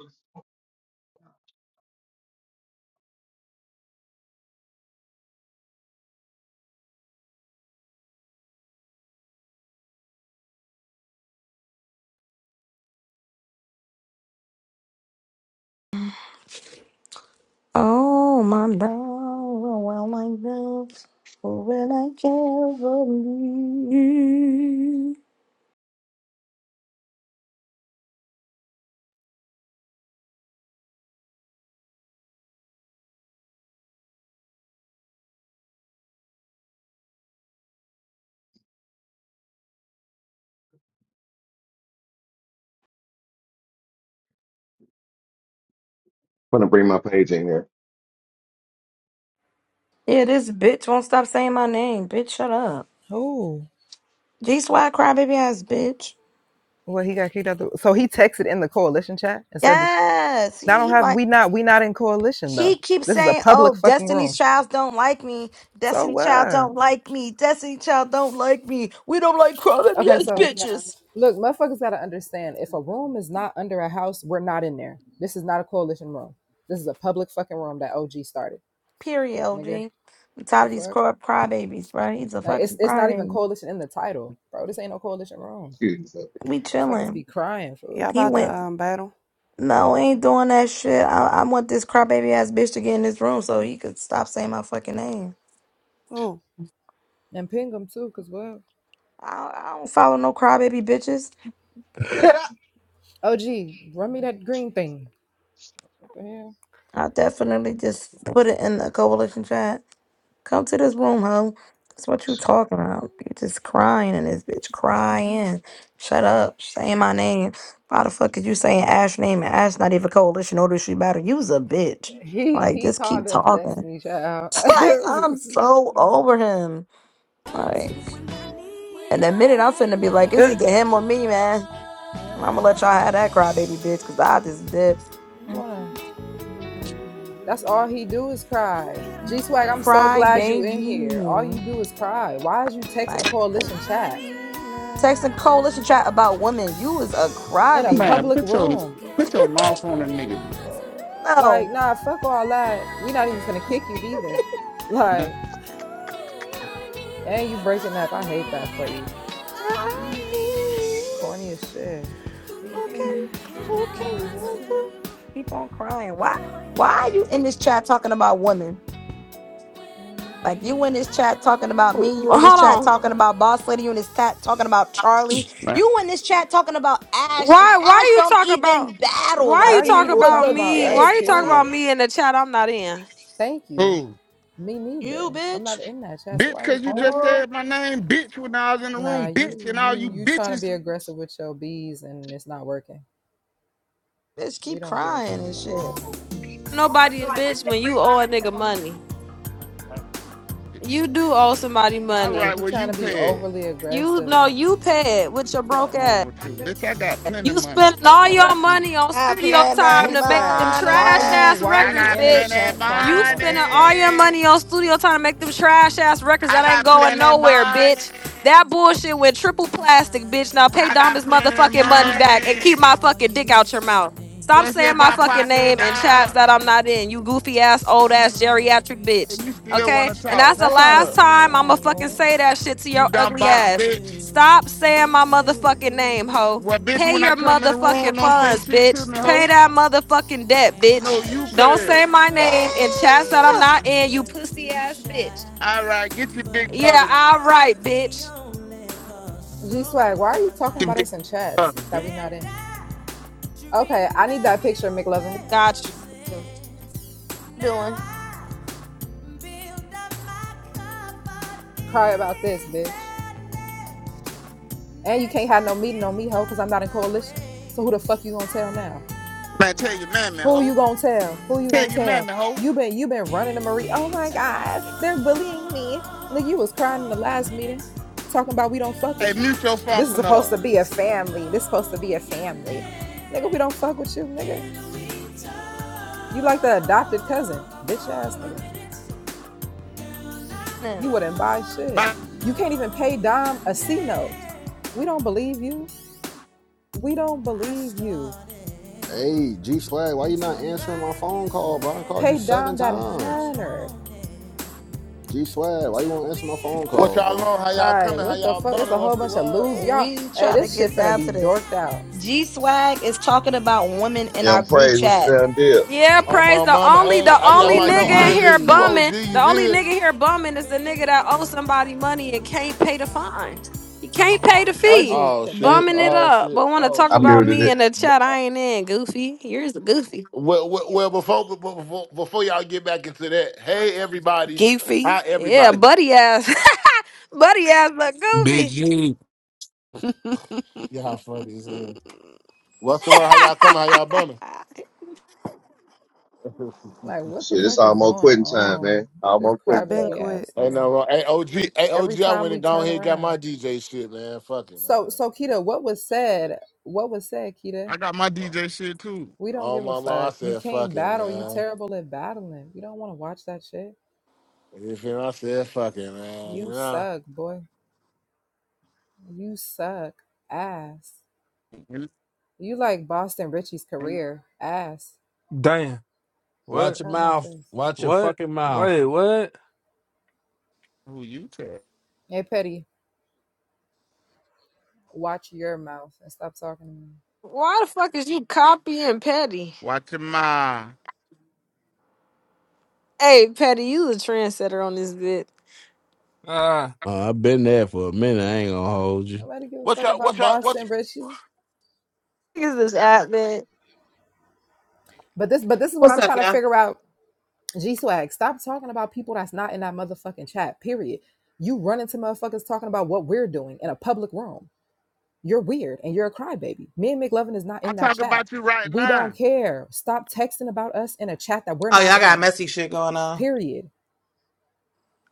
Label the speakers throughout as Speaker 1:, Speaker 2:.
Speaker 1: I'm
Speaker 2: Oh, my brow, I love, will I ever leave?
Speaker 1: gonna bring my page in here.
Speaker 2: Yeah, this bitch won't stop saying my name. Bitch, shut up.
Speaker 3: Oh,
Speaker 2: G Swag crybaby ass bitch.
Speaker 3: well, he got kicked out. The, so he texted in the coalition chat and said that
Speaker 2: Yes,
Speaker 3: I don't
Speaker 2: he
Speaker 3: have
Speaker 2: like
Speaker 3: we not we not in coalition though.
Speaker 2: she keeps
Speaker 3: This is a
Speaker 2: saying,
Speaker 3: public
Speaker 2: "Oh,
Speaker 3: fucking
Speaker 2: Destiny's
Speaker 3: room.
Speaker 2: Child don't like me.
Speaker 3: So
Speaker 2: Destiny Child
Speaker 3: what?
Speaker 2: don't like me. Destiny Child don't like me. We don't like crybaby
Speaker 3: Okay,
Speaker 2: ass
Speaker 3: so
Speaker 2: bitches."
Speaker 3: look, motherfuckers gotta understand if a room is not under a house, we're not in there. This is not a coalition room. This is a public fucking room that OG started.
Speaker 2: Period,
Speaker 3: Nigga,
Speaker 2: OG. I'm tired
Speaker 3: the
Speaker 2: of these
Speaker 3: fuck?
Speaker 2: cry crybabies, bro. He's a
Speaker 3: Like it's
Speaker 2: fucking
Speaker 3: it's not even
Speaker 2: crybaby.
Speaker 3: coalition in the title, bro. This ain't no coalition room.
Speaker 1: Excuse me. sir.
Speaker 2: We
Speaker 3: Motherfuckers
Speaker 2: chilling.
Speaker 3: be crying,
Speaker 4: Yeah,
Speaker 3: fool.
Speaker 2: He
Speaker 4: about
Speaker 2: went.
Speaker 4: the um, battle.
Speaker 2: No, I ain't doing that shit. I, I want this crybaby ass bitch to get in this room so he could stop saying my fucking name.
Speaker 4: Oh.
Speaker 3: And ping them too, cause what?
Speaker 2: I, I don't follow no crybaby bitches.
Speaker 3: OG, run me that green thing. What the hell?
Speaker 2: I definitely just put it in the coalition chat. Come to this room, hoe. That's what you talking about. You just crying in this bitch, crying. Shut up, saying my name. Why the fuck is you saying Ash name and Ash not even coalition order? She better use a bitch.
Speaker 3: He
Speaker 2: Like,
Speaker 3: he
Speaker 2: just
Speaker 3: called
Speaker 2: keep
Speaker 3: us
Speaker 2: talking.
Speaker 3: Destiny Child.
Speaker 2: like, I'm so over him. Like.
Speaker 5: When I need when
Speaker 2: And
Speaker 5: I
Speaker 2: the minute I'm
Speaker 5: need
Speaker 2: finna be like, it's
Speaker 5: love.
Speaker 2: either him or me, man. I'm gonna let y'all have that crybaby bitch, cause I just did
Speaker 3: Wanna-
Speaker 5: Mm,
Speaker 3: That's all he do is
Speaker 5: Who
Speaker 3: cry.
Speaker 5: can I
Speaker 3: G
Speaker 5: run
Speaker 3: Swag, I'm
Speaker 5: to?
Speaker 3: so
Speaker 2: crybaby.
Speaker 3: glad you in here. All you do is cry. Why is you texting a
Speaker 2: Like
Speaker 5: I
Speaker 3: coalition
Speaker 4: I
Speaker 3: chat
Speaker 5: need
Speaker 4: need
Speaker 2: texting coalition
Speaker 4: love.
Speaker 2: chat
Speaker 5: love.
Speaker 2: about women. You was a
Speaker 3: in a
Speaker 6: Man,
Speaker 2: crybaby.
Speaker 3: public
Speaker 6: put your
Speaker 5: Who
Speaker 3: room?
Speaker 5: can
Speaker 6: put
Speaker 4: Okay,
Speaker 6: your mouth
Speaker 5: who
Speaker 6: on a
Speaker 5: can I
Speaker 4: okay,
Speaker 6: nigga.
Speaker 5: run to?
Speaker 4: now.
Speaker 3: Like,
Speaker 2: No.
Speaker 3: nah, fuck all that. We not even finna kick you
Speaker 5: When I
Speaker 3: neither. Like,
Speaker 5: need
Speaker 3: and you breaking up.
Speaker 5: love.
Speaker 3: I
Speaker 5: I
Speaker 4: I
Speaker 3: hate that
Speaker 5: need
Speaker 3: for
Speaker 4: need
Speaker 3: you.
Speaker 4: it.
Speaker 2: Yeah,
Speaker 4: I
Speaker 5: I
Speaker 2: I
Speaker 4: need
Speaker 5: need.
Speaker 2: mean,
Speaker 4: it.
Speaker 3: Corny as shit. Who
Speaker 2: Who
Speaker 3: can
Speaker 4: Okay,
Speaker 3: I?
Speaker 2: can
Speaker 3: Who
Speaker 2: who
Speaker 4: okay,
Speaker 3: can
Speaker 2: can
Speaker 3: I
Speaker 2: love
Speaker 4: now
Speaker 3: run
Speaker 4: I do.
Speaker 2: you? keep on crying? Why why are you in this chat talking about women? Like you in this chat talking about
Speaker 7: Hold
Speaker 2: me, you in this chat
Speaker 7: on.
Speaker 2: talking about
Speaker 3: to?
Speaker 2: Boss Lady, you in this chat talking about Charlie,
Speaker 6: Man.
Speaker 2: you in this chat talking about Ash, and
Speaker 7: Why why
Speaker 2: Ash
Speaker 7: you
Speaker 2: don't
Speaker 7: talk about
Speaker 2: even
Speaker 7: why
Speaker 2: battle.
Speaker 3: Why
Speaker 7: you
Speaker 2: Like
Speaker 3: are you
Speaker 2: and
Speaker 7: talk
Speaker 2: you
Speaker 3: even
Speaker 2: was
Speaker 7: about
Speaker 3: talking
Speaker 2: a
Speaker 3: about
Speaker 7: me? Why
Speaker 3: us,
Speaker 2: bitch,
Speaker 7: you talk about
Speaker 2: bro.
Speaker 3: period?
Speaker 7: me in the chat I'm not in?
Speaker 3: Thank you.
Speaker 6: Who?
Speaker 3: Me
Speaker 2: You
Speaker 3: neither. I'm
Speaker 2: bitch,
Speaker 3: not in that chat, so why
Speaker 6: Bitch,
Speaker 3: are you
Speaker 6: cause you
Speaker 3: popping?
Speaker 6: just
Speaker 8: Oh,
Speaker 6: said my name, bitch, when I was in the
Speaker 3: Nah,
Speaker 6: room, bitch,
Speaker 3: you
Speaker 6: and all
Speaker 3: you
Speaker 6: you
Speaker 3: you trying to
Speaker 6: bitches.
Speaker 3: be aggressive with your bees and it's not working.
Speaker 2: bitch,
Speaker 3: We
Speaker 2: keep
Speaker 3: don't give a fuck
Speaker 2: crying and
Speaker 3: about none
Speaker 2: shit.
Speaker 3: of that.
Speaker 7: Nobody a bitch when you owe a nigga money. You do owe somebody
Speaker 6: All
Speaker 7: money.
Speaker 3: Like
Speaker 6: right,
Speaker 3: you
Speaker 6: well
Speaker 3: trying
Speaker 6: you
Speaker 3: to be
Speaker 6: paid.
Speaker 3: overly
Speaker 7: You
Speaker 3: aggressive
Speaker 7: know
Speaker 3: and
Speaker 7: you pay it with your broke
Speaker 6: Fuck
Speaker 7: ass.
Speaker 6: wrong with you. Bitch, I got plenty of
Speaker 7: You
Speaker 6: money.
Speaker 7: spending
Speaker 6: Fuck
Speaker 7: all
Speaker 6: wrong
Speaker 7: your
Speaker 6: with you.
Speaker 7: money on
Speaker 2: I
Speaker 7: studio
Speaker 2: plan
Speaker 7: time
Speaker 2: that
Speaker 3: G
Speaker 7: to make
Speaker 3: swag,
Speaker 7: them
Speaker 3: why are
Speaker 7: trash
Speaker 3: you
Speaker 2: money.
Speaker 7: ass
Speaker 3: why are
Speaker 6: I
Speaker 3: you
Speaker 7: records,
Speaker 6: got
Speaker 3: in a
Speaker 7: bitch.
Speaker 6: plenty of
Speaker 3: chat talking
Speaker 7: You
Speaker 3: about
Speaker 7: spending
Speaker 3: us
Speaker 7: all
Speaker 3: though?
Speaker 7: your
Speaker 6: money.
Speaker 7: money on studio time to make them trash ass records
Speaker 6: I
Speaker 7: that ain't
Speaker 6: got
Speaker 7: going
Speaker 6: plenty of
Speaker 7: nowhere,
Speaker 6: money.
Speaker 7: bitch. That bullshit went triple plastic, bitch. Now pay
Speaker 6: I
Speaker 7: Dom
Speaker 6: got
Speaker 7: his
Speaker 6: plenty of
Speaker 7: motherfucking money back and
Speaker 6: money.
Speaker 7: keep my fucking dick out your mouth. Stop
Speaker 6: What's in
Speaker 7: saying my
Speaker 6: my
Speaker 7: fucking
Speaker 6: pocket,
Speaker 7: name in chats
Speaker 6: dog?
Speaker 7: that I'm not in, you goofy ass, old ass
Speaker 5: Started
Speaker 7: geriatric bitch.
Speaker 6: And you
Speaker 5: pretending
Speaker 6: still
Speaker 7: Okay?
Speaker 6: wanna
Speaker 7: And that's
Speaker 6: talk.
Speaker 7: the
Speaker 3: That's what I'm
Speaker 7: last
Speaker 5: I
Speaker 6: Look,
Speaker 3: saying.
Speaker 5: knew
Speaker 7: time I'ma
Speaker 3: Like
Speaker 5: you,
Speaker 7: fucking
Speaker 3: what?
Speaker 7: say that shit to
Speaker 6: you
Speaker 7: your
Speaker 6: dumb
Speaker 7: ugly
Speaker 6: box
Speaker 7: ass.
Speaker 6: bitch.
Speaker 7: Stop saying
Speaker 5: me
Speaker 7: my motherfucking
Speaker 5: too.
Speaker 7: name, ho.
Speaker 6: Well, bitch,
Speaker 7: Pay
Speaker 6: when I
Speaker 7: your
Speaker 6: come in the room,
Speaker 7: motherfucking
Speaker 6: don't say
Speaker 7: funds,
Speaker 6: shit to
Speaker 7: bitch.
Speaker 6: me,
Speaker 7: Pay
Speaker 6: ho.
Speaker 7: that motherfucking debt,
Speaker 5: And
Speaker 7: bitch.
Speaker 6: No, you
Speaker 5: just
Speaker 7: Don't
Speaker 6: pay.
Speaker 7: say my
Speaker 5: like a
Speaker 7: name in chats
Speaker 5: bonnet,
Speaker 7: that I'm
Speaker 2: Spend.
Speaker 5: you
Speaker 7: not in, you
Speaker 5: were too
Speaker 7: pussy ass bitch.
Speaker 5: shy.
Speaker 6: All right, get your
Speaker 5: But
Speaker 6: big
Speaker 7: Yeah,
Speaker 6: brother.
Speaker 5: you
Speaker 7: all right,
Speaker 5: weren't the
Speaker 7: bitch.
Speaker 5: only cause,
Speaker 3: G
Speaker 5: so
Speaker 3: swag, why are you
Speaker 5: was
Speaker 3: talking
Speaker 6: Your
Speaker 3: about
Speaker 6: big
Speaker 3: us in
Speaker 5: I.
Speaker 3: chats
Speaker 6: brother,
Speaker 3: that
Speaker 6: bitch.
Speaker 3: we not
Speaker 5: And
Speaker 3: in?
Speaker 5: I
Speaker 3: Okay, I
Speaker 5: dreamed
Speaker 3: need that
Speaker 5: of
Speaker 3: picture,
Speaker 5: you
Speaker 3: McLovin.
Speaker 5: ever
Speaker 7: Got you.
Speaker 5: since. Now
Speaker 2: Doing.
Speaker 5: I build up my comfort
Speaker 3: Cry about this,
Speaker 5: in
Speaker 3: bitch.
Speaker 5: sadness.
Speaker 3: And you can't
Speaker 5: Next
Speaker 3: have no
Speaker 5: time
Speaker 3: meeting
Speaker 5: you
Speaker 3: on me, ho, because I'm not
Speaker 5: come
Speaker 3: in
Speaker 5: my
Speaker 3: coalition.
Speaker 5: way,
Speaker 3: So who the fuck you gonna tell
Speaker 5: I
Speaker 3: now?
Speaker 6: Man,
Speaker 5: know
Speaker 6: tell your mammy,
Speaker 5: just
Speaker 3: Who you
Speaker 6: ho.
Speaker 3: gonna
Speaker 5: what
Speaker 3: tell? Who you
Speaker 5: to
Speaker 6: Tell
Speaker 3: gonna
Speaker 6: your
Speaker 3: tell?
Speaker 6: mammy,
Speaker 5: say.
Speaker 6: ho.
Speaker 3: You been you been running to
Speaker 5: Can
Speaker 3: Marie.
Speaker 5: we
Speaker 3: Oh my God, they're
Speaker 5: talk
Speaker 3: bullying me. Nigga, you was crying in the
Speaker 5: for a
Speaker 3: last
Speaker 5: minute?
Speaker 3: meeting, talking about we don't fuck
Speaker 6: Hey,
Speaker 3: with
Speaker 5: I
Speaker 3: you.
Speaker 6: mute your
Speaker 3: This is
Speaker 6: phone
Speaker 3: supposed to
Speaker 6: up.
Speaker 3: be a family. This is supposed to be a family. Nigga, we don't fuck with you, nigga. You like the adopted cousin, bitch ass nigga. You wouldn't buy shit.
Speaker 6: Bye.
Speaker 3: You can't even pay Dom a C note. We don't believe you. We don't believe you
Speaker 5: started
Speaker 9: Hey, G Swag, why you
Speaker 5: to
Speaker 9: not answering my
Speaker 5: write you
Speaker 9: phone call, bro? I done called you
Speaker 3: Pay
Speaker 5: letters,
Speaker 9: seven
Speaker 3: Dom that
Speaker 5: but I
Speaker 9: times.
Speaker 3: hundred.
Speaker 5: wanted
Speaker 9: G Swag, why you
Speaker 5: to
Speaker 9: won't answer my
Speaker 5: be
Speaker 9: phone
Speaker 5: more
Speaker 10: What
Speaker 9: call,
Speaker 10: y'all
Speaker 9: bro?
Speaker 10: on? How
Speaker 5: clever.
Speaker 10: y'all
Speaker 3: Like,
Speaker 10: coming? How
Speaker 3: what the
Speaker 10: y'all
Speaker 3: fuck? It's
Speaker 10: bumming?
Speaker 3: a
Speaker 5: I
Speaker 10: What's
Speaker 3: whole
Speaker 10: the
Speaker 3: bunch of
Speaker 10: word?
Speaker 3: lose
Speaker 5: wanted
Speaker 3: y'all.
Speaker 2: We
Speaker 3: Hey,
Speaker 2: trying to
Speaker 3: this
Speaker 5: to
Speaker 3: shit
Speaker 2: get
Speaker 3: finna
Speaker 2: down
Speaker 5: get
Speaker 3: be
Speaker 2: to this.
Speaker 3: dorked
Speaker 5: down
Speaker 3: out.
Speaker 5: and
Speaker 2: G
Speaker 5: sweet
Speaker 2: Swag is
Speaker 5: talk
Speaker 2: talking about
Speaker 5: you,
Speaker 2: women in our
Speaker 1: Young
Speaker 2: group
Speaker 1: Praise, what's
Speaker 2: chat.
Speaker 1: the damn deal?
Speaker 5: hey
Speaker 7: Yeah,
Speaker 10: Oh
Speaker 7: praise
Speaker 10: my
Speaker 7: the
Speaker 5: baby.
Speaker 10: mama,
Speaker 7: only
Speaker 10: hey,
Speaker 7: the
Speaker 10: I
Speaker 3: You
Speaker 10: got
Speaker 7: only
Speaker 10: my
Speaker 3: over no
Speaker 7: nigga in
Speaker 3: R
Speaker 10: DJ
Speaker 3: and
Speaker 7: here
Speaker 10: lick
Speaker 3: B.
Speaker 10: too,
Speaker 5: But
Speaker 10: OG.
Speaker 7: bumming. The
Speaker 10: You
Speaker 7: only
Speaker 5: just
Speaker 10: feel?
Speaker 7: nigga
Speaker 10: me?
Speaker 7: here
Speaker 5: like a
Speaker 7: bumming is the nigga that
Speaker 5: baby,
Speaker 7: owes
Speaker 5: I
Speaker 7: somebody money
Speaker 5: could
Speaker 7: and can't
Speaker 5: not
Speaker 7: pay the
Speaker 5: talk,
Speaker 7: fine. He can't
Speaker 5: and
Speaker 7: pay
Speaker 5: I
Speaker 7: the
Speaker 3: OG,
Speaker 7: fee.
Speaker 10: Oh
Speaker 3: th- thank
Speaker 10: shit!
Speaker 3: you,
Speaker 7: Bumming it
Speaker 3: babe.
Speaker 10: Oh
Speaker 7: up.
Speaker 10: shit!
Speaker 7: But wanna
Speaker 10: Oh
Speaker 7: talk
Speaker 1: I
Speaker 10: shit!
Speaker 7: about
Speaker 1: muted
Speaker 7: me
Speaker 1: it.
Speaker 7: in the
Speaker 10: B-
Speaker 7: chat.
Speaker 10: uh,
Speaker 7: I ain't in goofy. Here's the goofy.
Speaker 10: Well, well, well before, be- be- before before y'all get back into that, hey everybody,
Speaker 4: Goofy.
Speaker 10: hi
Speaker 7: Yeah,
Speaker 10: everybody.
Speaker 7: buddy ass. buddy ass but
Speaker 11: Big
Speaker 7: goofy.
Speaker 11: G.
Speaker 10: Yeah, how funny is it? What's the word? How y'all coming? How y'all bumming?
Speaker 3: Like, what the
Speaker 1: Shit, it's
Speaker 3: fuck is
Speaker 1: almost
Speaker 3: going
Speaker 1: quitting time,
Speaker 3: on?
Speaker 1: man.
Speaker 3: This
Speaker 1: Almost
Speaker 4: I've
Speaker 1: quitting
Speaker 4: been
Speaker 1: time.
Speaker 3: crybaby
Speaker 4: quit.
Speaker 3: ass
Speaker 10: Ain't no
Speaker 3: nigga.
Speaker 10: wrong. Hey OG, hey
Speaker 3: Every
Speaker 10: OG, I
Speaker 3: time
Speaker 10: went
Speaker 3: we
Speaker 10: and gone
Speaker 3: turn
Speaker 10: here and got my
Speaker 3: around.
Speaker 10: DJ shit, man. Fuck it,
Speaker 3: So,
Speaker 10: man.
Speaker 3: so Kita, what was said? What was said, Kita?
Speaker 6: I got my
Speaker 10: Oh
Speaker 6: DJ shit too.
Speaker 3: We don't
Speaker 10: oh,
Speaker 3: give
Speaker 10: my
Speaker 3: a
Speaker 10: mama, I
Speaker 3: fuck. You
Speaker 10: said fuck
Speaker 3: can't
Speaker 10: it,
Speaker 3: battle. You
Speaker 10: man.
Speaker 3: terrible at battling. We don't want to watch that shit.
Speaker 10: You feel me? I said fuck it, man. You
Speaker 3: You
Speaker 10: know.
Speaker 3: suck, boy. You suck ass.
Speaker 6: And-
Speaker 3: You like Boston Richie's
Speaker 6: and
Speaker 3: career ass.
Speaker 11: Damn.
Speaker 12: Watch
Speaker 11: What?
Speaker 3: Look
Speaker 12: your
Speaker 3: out my
Speaker 12: mouth.
Speaker 3: face.
Speaker 12: Watch your
Speaker 11: What?
Speaker 12: fucking mouth.
Speaker 11: Wait, what?
Speaker 6: Who you tell?
Speaker 3: Hey, Petty, watch your mouth and stop talking to me.
Speaker 7: Why the fuck is you copying Petty?
Speaker 6: Watch your mind.
Speaker 7: Hey Petty, you the trendsetter on this bit.
Speaker 11: Uh,
Speaker 12: Uh, I've been there for a minute. I ain't gonna hold you.
Speaker 3: Nobody give a
Speaker 10: What
Speaker 3: fuck
Speaker 10: y'all? What
Speaker 3: about
Speaker 10: y'all? What?
Speaker 3: Boston Richie.
Speaker 7: Niggas is this app,
Speaker 3: But this, but this is what
Speaker 13: What's
Speaker 3: I'm
Speaker 13: up,
Speaker 3: trying to
Speaker 13: y'all?
Speaker 3: figure out. G Swag, stop talking about people that's not in that motherfucking chat. Period. You run into motherfuckers talking about what we're doing in a public room. You're weird and you're a crybaby. Me and McLovin is not
Speaker 6: I
Speaker 3: in that
Speaker 6: talk
Speaker 3: chat.
Speaker 6: about you right
Speaker 3: We don't
Speaker 6: now.
Speaker 3: care. Stop texting about us in a chat that we're
Speaker 13: Oh,
Speaker 3: not
Speaker 13: y'all got
Speaker 3: in.
Speaker 13: messy shit going on.
Speaker 3: Period.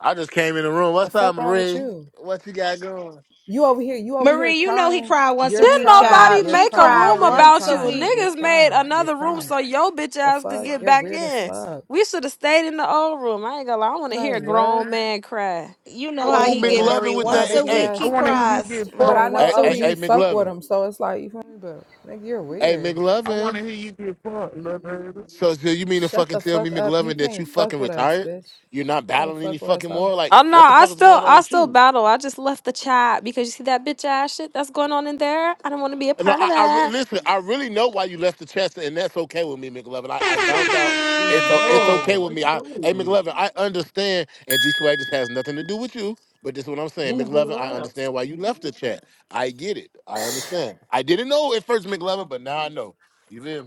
Speaker 10: I just came in the room.
Speaker 3: The
Speaker 10: What's up,
Speaker 3: fuck wrong with
Speaker 10: Marie?
Speaker 3: you?
Speaker 10: What you got going?
Speaker 3: You over here, you over here
Speaker 2: Marie, you know he
Speaker 3: crying.
Speaker 2: cried once a
Speaker 3: You're
Speaker 7: Didn't
Speaker 2: week,
Speaker 3: crying.
Speaker 7: nobody
Speaker 2: child.
Speaker 3: You're
Speaker 2: He
Speaker 7: make a
Speaker 2: cried
Speaker 3: crying.
Speaker 7: room
Speaker 3: You're
Speaker 2: once
Speaker 7: about
Speaker 2: a
Speaker 7: you?
Speaker 3: crying. You're
Speaker 2: week.
Speaker 7: Niggas made
Speaker 3: crying. You're
Speaker 7: another room
Speaker 3: crying.
Speaker 7: so your bitch
Speaker 3: The
Speaker 7: ass could
Speaker 3: fuck?
Speaker 7: get
Speaker 3: You're
Speaker 7: back
Speaker 3: weird as
Speaker 7: in.
Speaker 3: fuck.
Speaker 7: We should have stayed in the old room. I ain't gonna lie. I want to hear
Speaker 3: Like
Speaker 7: a
Speaker 3: what?
Speaker 7: grown man cry.
Speaker 2: You
Speaker 7: I
Speaker 2: know
Speaker 7: want
Speaker 2: how
Speaker 7: to
Speaker 10: Ooh,
Speaker 2: he
Speaker 7: hear
Speaker 2: get,
Speaker 7: that.
Speaker 10: McLovin
Speaker 2: Marie.
Speaker 10: with that.
Speaker 2: Once
Speaker 10: Hey,
Speaker 2: a
Speaker 3: Crybaby
Speaker 10: hey,
Speaker 2: week
Speaker 6: I
Speaker 2: he
Speaker 3: ass
Speaker 6: want to hear
Speaker 3: nigga.
Speaker 6: you
Speaker 2: cries,
Speaker 6: get
Speaker 3: But
Speaker 2: Marie.
Speaker 3: I
Speaker 6: fucked.
Speaker 3: know
Speaker 10: hey,
Speaker 2: Once a
Speaker 10: hey, hey,
Speaker 3: OG
Speaker 2: week.
Speaker 3: fuck with
Speaker 10: McLovin.
Speaker 3: him, so it's like you feel me, but nigga, you're
Speaker 10: Hey,
Speaker 3: weird.
Speaker 6: I want
Speaker 10: McLovin.
Speaker 6: to hear you get fucked, little baby.
Speaker 10: So, so you mean to
Speaker 3: Shut
Speaker 10: fucking
Speaker 3: the
Speaker 10: tell me,
Speaker 3: fuck up. You
Speaker 10: McLovin, that
Speaker 3: can't
Speaker 10: you
Speaker 3: fuck
Speaker 10: fucking
Speaker 3: with us,
Speaker 10: retired?
Speaker 3: bitch.
Speaker 10: You're not
Speaker 3: You can't
Speaker 10: battling any
Speaker 3: fuck with us,
Speaker 10: fucking
Speaker 3: hoe.
Speaker 10: more? Like,
Speaker 7: Oh no,
Speaker 10: what the
Speaker 7: I
Speaker 10: fuck is
Speaker 7: still,
Speaker 10: going on
Speaker 7: I
Speaker 10: with
Speaker 7: still
Speaker 10: you?
Speaker 7: battle. I just left the chat because you see that bitch ass shit that's going on in there. I don't want to be a
Speaker 10: No,
Speaker 7: part of
Speaker 10: I, I re-
Speaker 7: that.
Speaker 10: listen. I really know why you left the chest, and that's okay with me, McLovin. I, I found out it's o- it's okay with me. I, hey, McLovin, I understand, and G Swag just has nothing to do with you. But this is what I'm saying, McLovin. I understand why you left the chat. I get it. I understand. I didn't know at first, McLovin, but now I know. You live,